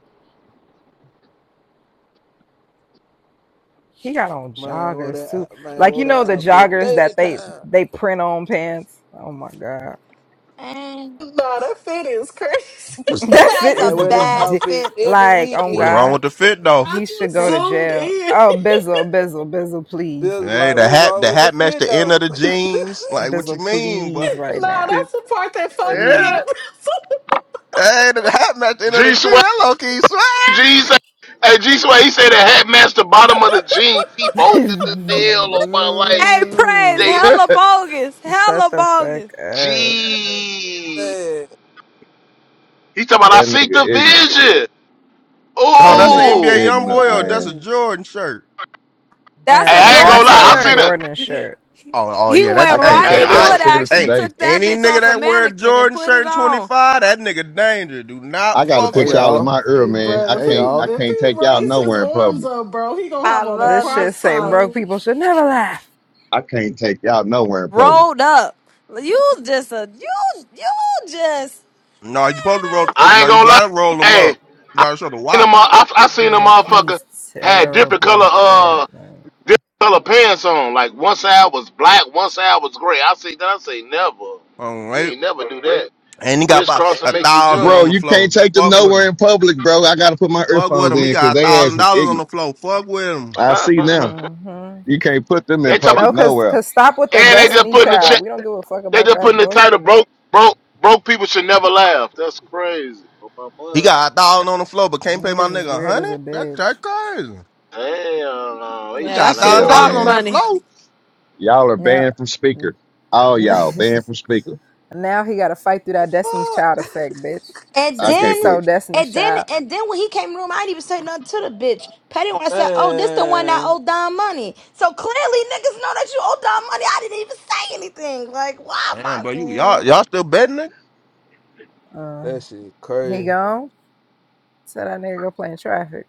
Speaker 3: He got on
Speaker 11: Man, wore
Speaker 3: joggers
Speaker 11: that
Speaker 3: too.
Speaker 11: out- man
Speaker 3: Like you
Speaker 11: wore
Speaker 3: know
Speaker 11: that
Speaker 3: the
Speaker 11: outfit
Speaker 3: joggers
Speaker 11: thirty
Speaker 3: that they
Speaker 11: times.
Speaker 3: they print on pants. Oh my god.
Speaker 2: And
Speaker 15: Nah, that fit is crazy.
Speaker 2: Was
Speaker 3: That
Speaker 2: that
Speaker 3: fit
Speaker 2: is a
Speaker 11: Man,
Speaker 3: is
Speaker 11: wear that
Speaker 2: bad
Speaker 3: ridiculous.
Speaker 11: outfit
Speaker 2: fit.
Speaker 11: every
Speaker 3: Like, oh
Speaker 16: What's
Speaker 11: weekend.
Speaker 16: wrong
Speaker 3: God,
Speaker 16: with the fit though?
Speaker 15: I
Speaker 3: he should
Speaker 15: just
Speaker 3: go
Speaker 2: but
Speaker 3: to
Speaker 15: zoomed
Speaker 3: jail.
Speaker 15: in.
Speaker 3: Oh, Bizzle, Bizzle, Bizzle, please.
Speaker 11: Bill's
Speaker 16: Hey,
Speaker 11: like,
Speaker 16: the
Speaker 11: what's
Speaker 16: hat,
Speaker 11: wrong
Speaker 16: the
Speaker 11: with the
Speaker 16: hat matched
Speaker 11: fit
Speaker 16: the end of
Speaker 11: though?
Speaker 16: the jeans. Like, what you
Speaker 3: Bizzle,
Speaker 16: mean,
Speaker 3: please,
Speaker 16: bud? That
Speaker 3: right
Speaker 15: Nah,
Speaker 3: now.
Speaker 16: shit-
Speaker 15: that's the part that fucked me
Speaker 3: Please.
Speaker 16: Yeah.
Speaker 15: up.
Speaker 16: Hey, the hat matched the end of the
Speaker 10: G
Speaker 16: jeans.
Speaker 10: Swag?
Speaker 16: That low key swag.
Speaker 10: G Swag? Hey, G Swag. He said the hat matched the bottom of the jeans. He bogus as hell on my life.
Speaker 7: Hey, praise
Speaker 10: They
Speaker 7: hella
Speaker 1: that
Speaker 7: bogus,
Speaker 3: Shut
Speaker 7: hella
Speaker 3: the fuck
Speaker 7: bogus.
Speaker 3: up.
Speaker 10: G.
Speaker 11: man,
Speaker 10: He talking about I seek
Speaker 1: nigga
Speaker 10: the
Speaker 1: ignorant.
Speaker 10: vision.
Speaker 16: Oh,
Speaker 1: That
Speaker 16: that's an
Speaker 1: nigga
Speaker 10: Ooh.
Speaker 16: NBA young
Speaker 1: ignorant,
Speaker 16: boy, or that's a
Speaker 1: man.
Speaker 11: ooh,
Speaker 16: Jordan shirt.
Speaker 7: That's
Speaker 10: Hey,
Speaker 7: a
Speaker 1: I
Speaker 3: And
Speaker 10: I ain't
Speaker 1: can't
Speaker 10: gonna
Speaker 3: that's
Speaker 7: Jordan
Speaker 3: a
Speaker 10: lie. I see
Speaker 7: shirt.
Speaker 10: the.
Speaker 3: Jordan shirt.
Speaker 16: Oh, oh
Speaker 7: He
Speaker 16: yeah, that.
Speaker 7: went
Speaker 1: I can't
Speaker 7: right
Speaker 16: Hey,
Speaker 10: Hey,
Speaker 7: in
Speaker 1: take
Speaker 16: I.
Speaker 1: y'all
Speaker 10: listen.
Speaker 7: foot
Speaker 1: serious
Speaker 7: action and
Speaker 16: Hey,
Speaker 1: today.
Speaker 7: took that
Speaker 16: any
Speaker 7: bitch
Speaker 16: nigga
Speaker 7: off a
Speaker 16: that wear a
Speaker 7: mannequin and
Speaker 16: Jordan
Speaker 7: put
Speaker 16: shirt
Speaker 7: it
Speaker 16: in twenty
Speaker 7: on.
Speaker 16: five, that nigga danger. Do not
Speaker 1: I gotta
Speaker 16: fuck
Speaker 9: Hey
Speaker 1: put
Speaker 16: with him.
Speaker 1: y'all in
Speaker 9: y'all.
Speaker 1: my ear,
Speaker 15: hey,
Speaker 1: man.
Speaker 15: bro,
Speaker 1: I
Speaker 15: if he
Speaker 9: Hey
Speaker 1: can't I
Speaker 15: if
Speaker 9: y'all.
Speaker 1: can't
Speaker 15: he
Speaker 1: take y'all
Speaker 15: raise his
Speaker 1: nowhere in
Speaker 15: arms
Speaker 1: public.
Speaker 15: up, bro, he gonna
Speaker 2: I
Speaker 15: have on a
Speaker 2: love
Speaker 3: This should
Speaker 15: crop
Speaker 3: say
Speaker 15: top
Speaker 2: this.
Speaker 3: broke people should never laugh.
Speaker 1: I can't take y'all nowhere in public.
Speaker 7: rolled up. You just a you you just
Speaker 16: No, you supposed to roll.
Speaker 10: I ain't
Speaker 16: No, you
Speaker 10: gonna lie.
Speaker 16: gotta roll them
Speaker 10: Hey,
Speaker 16: up. You gotta show the
Speaker 10: in the
Speaker 16: watch.
Speaker 10: mo- I, I seen a
Speaker 3: Like
Speaker 10: motherfucker
Speaker 3: he's
Speaker 10: had different color.
Speaker 3: terrible for
Speaker 10: uh
Speaker 3: that. Like,
Speaker 10: This color pants on. Like one side was black, one side was gray. I say, that. I say never.
Speaker 16: Um,
Speaker 10: You
Speaker 16: right?
Speaker 10: ain't never do that.
Speaker 16: And he got about
Speaker 10: Crisscross and
Speaker 16: a
Speaker 10: make you
Speaker 16: thousand
Speaker 1: Bro,
Speaker 10: jump.
Speaker 16: on the
Speaker 1: you can't
Speaker 16: floor.
Speaker 1: take them
Speaker 16: Fuck with
Speaker 1: nowhere
Speaker 16: him.
Speaker 1: in public, bro. I gotta put my
Speaker 16: Fuck with
Speaker 1: earphones
Speaker 16: him. He
Speaker 1: in because
Speaker 16: got a
Speaker 1: they
Speaker 16: thousand
Speaker 1: ass is
Speaker 16: dollars on the
Speaker 1: ignorant.
Speaker 16: floor. Fuck with him.
Speaker 1: I see now.
Speaker 3: hmm
Speaker 1: You can't put them in
Speaker 10: they talk about,
Speaker 1: public
Speaker 3: no, cause
Speaker 1: nowhere.
Speaker 3: cause stop with the
Speaker 10: and they just
Speaker 3: Destiny
Speaker 10: putting the
Speaker 3: Child.
Speaker 10: check.
Speaker 3: We don't give a fuck
Speaker 10: They
Speaker 3: about
Speaker 10: just
Speaker 3: that
Speaker 10: putting the
Speaker 3: boy.
Speaker 10: title broke, broke, broke people should never laugh. That's crazy. Oh my
Speaker 16: He
Speaker 10: mom.
Speaker 16: got a thousand on the floor, but can't pay my
Speaker 3: Niggas is
Speaker 16: nigga a
Speaker 3: weird as a
Speaker 16: hundred. That's that
Speaker 3: bitch.
Speaker 16: crazy.
Speaker 10: Damn, no, they
Speaker 16: We
Speaker 7: yeah. That
Speaker 16: got
Speaker 10: trying
Speaker 16: a
Speaker 10: to
Speaker 7: shit
Speaker 16: thousand
Speaker 1: Yeah,
Speaker 10: go on.
Speaker 16: dollars
Speaker 7: prop
Speaker 16: on
Speaker 1: man.
Speaker 16: that
Speaker 7: money.
Speaker 16: floor.
Speaker 1: Y'all are
Speaker 3: Now,
Speaker 1: banned from speaker. All y'all banned from speaker.
Speaker 11: what
Speaker 3: now he got to fight through that Destiny's
Speaker 11: the
Speaker 3: Child
Speaker 11: fuck?
Speaker 3: effect, bitch.
Speaker 2: And
Speaker 1: I
Speaker 3: Since we
Speaker 1: can't
Speaker 2: then,
Speaker 3: so
Speaker 1: put.
Speaker 3: Destiny's
Speaker 2: and then,
Speaker 3: Child,
Speaker 2: and then when he came in the room, I didn't even say nothing to the bitch. Patty when I said, "Oh, this the one that
Speaker 11: Man,
Speaker 2: owe Don money." So clearly, niggas know that you owe Don money. I didn't even say anything. Like, why am
Speaker 16: Damn,
Speaker 2: I?
Speaker 16: but you y'all
Speaker 2: Mm.
Speaker 16: y'all still betting it?
Speaker 3: uh,
Speaker 11: that shit
Speaker 3: he
Speaker 11: crazy.
Speaker 3: gone. So that nigga go play in traffic.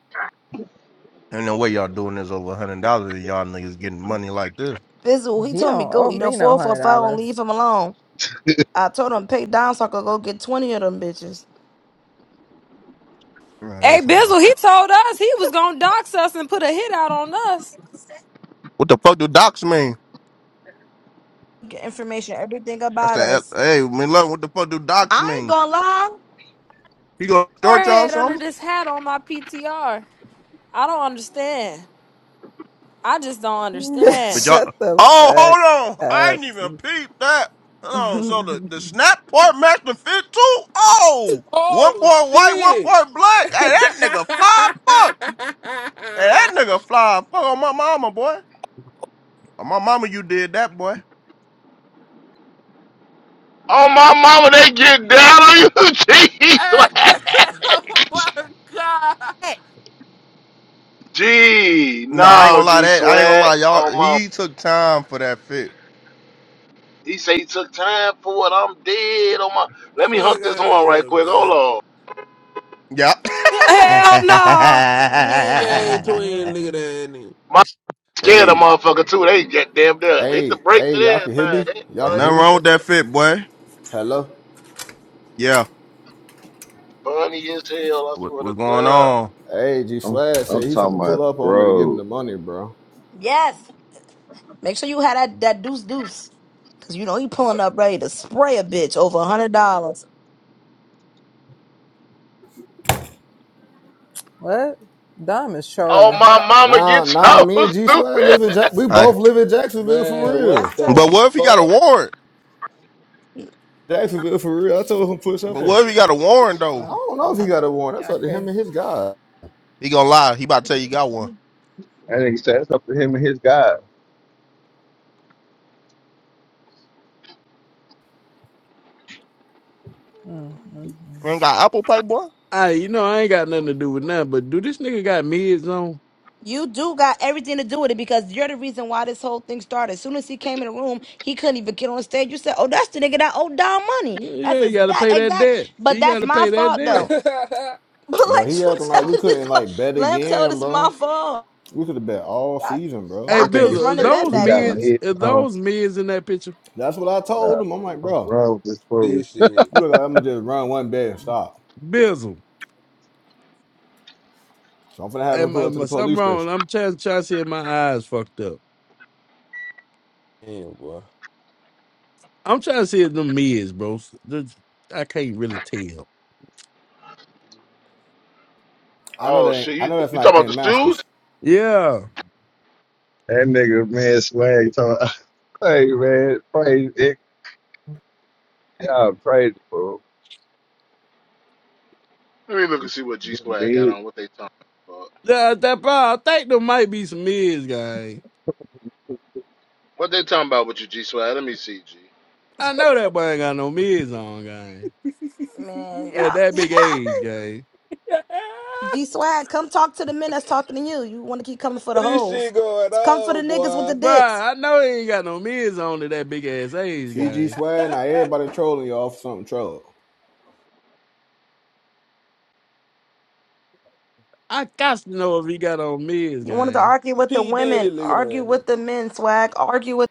Speaker 16: Ain't no way y'all doing this over a hundred dollars and y'all niggas getting money like this.
Speaker 2: Bizzle, he
Speaker 3: He
Speaker 2: told me
Speaker 3: don't
Speaker 2: go
Speaker 3: owe
Speaker 2: eat a
Speaker 3: me no
Speaker 2: four for
Speaker 3: hundred
Speaker 2: four and
Speaker 3: dollars.
Speaker 2: leave him alone. I told him pay Don so I could go get twenty of them bitches.
Speaker 16: Man,
Speaker 7: Hey
Speaker 16: that's something else.
Speaker 7: Bizzle, he told us he was gonna dox us and put a hit out on us.
Speaker 16: What the fuck do docs mean?
Speaker 2: Get information, everything
Speaker 16: That's
Speaker 2: about
Speaker 16: the
Speaker 2: us.
Speaker 16: hey, man, love. What the fuck do docs
Speaker 2: I ain't
Speaker 16: mean?
Speaker 2: gonna lie.
Speaker 16: He gonna short y'all
Speaker 7: Forehead
Speaker 16: something?
Speaker 7: under this hat on my PTR. I don't understand. I just don't
Speaker 16: But
Speaker 7: understand.
Speaker 16: y'all,
Speaker 3: Shut the
Speaker 16: oh,
Speaker 3: fuck
Speaker 16: hold on, I
Speaker 3: up.
Speaker 16: ain't even peeped that. Hold on, so the the snap part match the fit too. Oh, one
Speaker 11: Oh
Speaker 16: part white, one
Speaker 11: shit!
Speaker 16: part
Speaker 11: hey,
Speaker 16: black. Hey, that nigga fly fuck. Hey, that nigga fly fuck on my mama, boy. On my mama, you did that, boy.
Speaker 10: Oh my mama, they get down on you, G Swag.
Speaker 11: oh my god!
Speaker 16: Hey.
Speaker 10: G,
Speaker 16: No, I ain't
Speaker 10: no,
Speaker 16: gonna lie.
Speaker 10: G
Speaker 16: That I ain't gonna lie,
Speaker 10: Swag.
Speaker 16: y'all.
Speaker 10: Oh
Speaker 16: He took time for that fit.
Speaker 10: He say he took time for it. I'm dead on my. Let me
Speaker 11: Fuck
Speaker 10: hunt this
Speaker 11: out of
Speaker 10: horn right
Speaker 11: here,
Speaker 10: quick. Hold
Speaker 11: man.
Speaker 10: on.
Speaker 16: Yep.
Speaker 7: Hell no.
Speaker 11: You ain't gang twin,
Speaker 3: uh-uh.
Speaker 11: nigga, that nigga.
Speaker 10: My scared of
Speaker 16: hey,
Speaker 10: motherfucker too. They get damn done. Hit the
Speaker 9: Hey,
Speaker 10: brake
Speaker 9: hey,
Speaker 10: to
Speaker 9: y'all
Speaker 10: this
Speaker 9: can hear
Speaker 10: thing.
Speaker 9: me?
Speaker 10: They
Speaker 9: Y'all
Speaker 16: ain't
Speaker 9: can hear
Speaker 16: nothing
Speaker 10: funny as
Speaker 9: me?
Speaker 16: wrong with that
Speaker 10: hell.
Speaker 16: fit, boy.
Speaker 9: Hello?
Speaker 16: Yeah,
Speaker 10: Funny as hell. I
Speaker 16: what,
Speaker 10: swear to
Speaker 16: what's going
Speaker 10: God.
Speaker 16: on?
Speaker 9: Hey, G
Speaker 1: I'm,
Speaker 9: Swag said
Speaker 1: I'm
Speaker 9: he
Speaker 1: talking
Speaker 9: finna
Speaker 1: about
Speaker 9: pull up on me to give me
Speaker 1: bro.
Speaker 9: the money, bro.
Speaker 2: Yes, make sure you had that that deuce deuce, cause you know he pulling up ready to spray a bitch over a hundred dollars.
Speaker 3: What? Dom is
Speaker 10: Oh
Speaker 3: trolling.
Speaker 10: my mama,
Speaker 9: Nah,
Speaker 10: get
Speaker 9: nah,
Speaker 10: y'all
Speaker 9: me and G Swag
Speaker 10: stupid.
Speaker 9: live in Jack we both live in Jacksonville for
Speaker 11: Man, what
Speaker 2: That's
Speaker 9: real.
Speaker 11: the
Speaker 16: But
Speaker 2: tough.
Speaker 16: what if he got a
Speaker 11: fuck?
Speaker 16: warrant?
Speaker 9: Jacksonville for real. I told him push up
Speaker 16: But
Speaker 9: on. him.
Speaker 16: what if he got a warrant
Speaker 9: I
Speaker 16: though?
Speaker 3: Oh,
Speaker 9: don't know if he
Speaker 2: Uh,
Speaker 9: got a warrant. That's
Speaker 3: yeah,
Speaker 9: up to him
Speaker 3: okay.
Speaker 9: and his guy.
Speaker 16: He gonna lie. He about to tell you he got one.
Speaker 1: That nigga said that's up to him and his God.
Speaker 3: Mm-hmm.
Speaker 16: You ain't got Apple Pay, boy.
Speaker 12: Hey, you know I ain't got nothing to do with nothing. But do this nigga got mids on?
Speaker 2: You do got everything to do with it because you're the reason why this whole thing started. As soon as he came in the room, he couldn't even get on stage. You said, "Oh, that's the nigga that owed Don money." That's
Speaker 12: Yeah, he got to
Speaker 2: exact,
Speaker 12: pay that
Speaker 2: exact.
Speaker 12: debt.
Speaker 2: But
Speaker 12: He got
Speaker 2: that's
Speaker 12: to
Speaker 2: my
Speaker 12: pay that
Speaker 2: fault
Speaker 12: debt.
Speaker 2: though. But
Speaker 9: Bro,
Speaker 2: let
Speaker 9: he
Speaker 2: you
Speaker 9: acting
Speaker 2: tell
Speaker 9: like we
Speaker 2: it this,
Speaker 9: couldn't
Speaker 2: my,
Speaker 9: like bet
Speaker 2: let him tell it
Speaker 9: again,
Speaker 2: it's my
Speaker 9: bro.
Speaker 2: fault.
Speaker 9: We could have bet all
Speaker 2: I,
Speaker 9: season, bro.
Speaker 12: Hey,
Speaker 2: I
Speaker 1: That
Speaker 2: could just
Speaker 1: nigga
Speaker 12: Bizzle,
Speaker 2: run
Speaker 12: is
Speaker 2: the
Speaker 1: said
Speaker 2: bet
Speaker 12: those
Speaker 1: we
Speaker 2: back
Speaker 1: got
Speaker 2: though,
Speaker 12: mids?
Speaker 1: mid
Speaker 12: Is
Speaker 1: tone.
Speaker 12: those mids in that picture?
Speaker 9: That's what I told him. I'm like, bro,
Speaker 1: Bro, this fool.
Speaker 11: this shit.
Speaker 9: you look like I'm gonna just run one bed and stop.
Speaker 12: Bizzle,
Speaker 9: So I'm gonna have him
Speaker 12: am,
Speaker 9: pull up to
Speaker 12: am I-
Speaker 9: the
Speaker 12: something
Speaker 9: police
Speaker 12: wrong?
Speaker 9: station.
Speaker 12: I'm trying, trying to see if my eyes fucked up.
Speaker 11: Damn, boy.
Speaker 12: I'm trying to see if them mids, bro. Just- I can't really tell.
Speaker 9: I know
Speaker 10: Oh
Speaker 9: that ain't,
Speaker 10: shit,
Speaker 9: I
Speaker 10: you,
Speaker 9: know that's
Speaker 10: you
Speaker 9: not
Speaker 10: talking about the
Speaker 9: Ken
Speaker 10: shoes?
Speaker 9: Masters.
Speaker 12: Yeah,
Speaker 1: That nigga man swag talking. Hey man, praise it. Yeah, praise bro.
Speaker 10: Let me look and
Speaker 1: This
Speaker 10: see what G Swag
Speaker 1: mid
Speaker 10: got on. What they talking about?
Speaker 12: yeah, that, bro, I think there might be some mids, guys.
Speaker 10: What they talking about with you, G Swag? Let me see, G.
Speaker 12: I know that boy ain't got no mids on, gang.
Speaker 2: man.
Speaker 12: At
Speaker 2: y'all.
Speaker 12: that big age, gang.
Speaker 2: G swag, come talk to the men that's talking to you. You want to keep coming for the
Speaker 11: this
Speaker 2: hoes.
Speaker 11: shit going
Speaker 2: Come for the
Speaker 11: on,
Speaker 2: niggas with the
Speaker 11: boy.
Speaker 2: dicks.
Speaker 12: Bruh, I know he ain't got no mids on at that big ass age,
Speaker 9: CG
Speaker 12: gang.
Speaker 9: swag, now everybody trolling y'all for something troll.
Speaker 12: I got to know if he got on mids,
Speaker 2: You wanted to
Speaker 12: gang.
Speaker 2: argue with the
Speaker 11: P. Diddy,
Speaker 2: women.
Speaker 11: look at
Speaker 2: Argue
Speaker 11: that nigga.
Speaker 2: with the men, swag. Argue with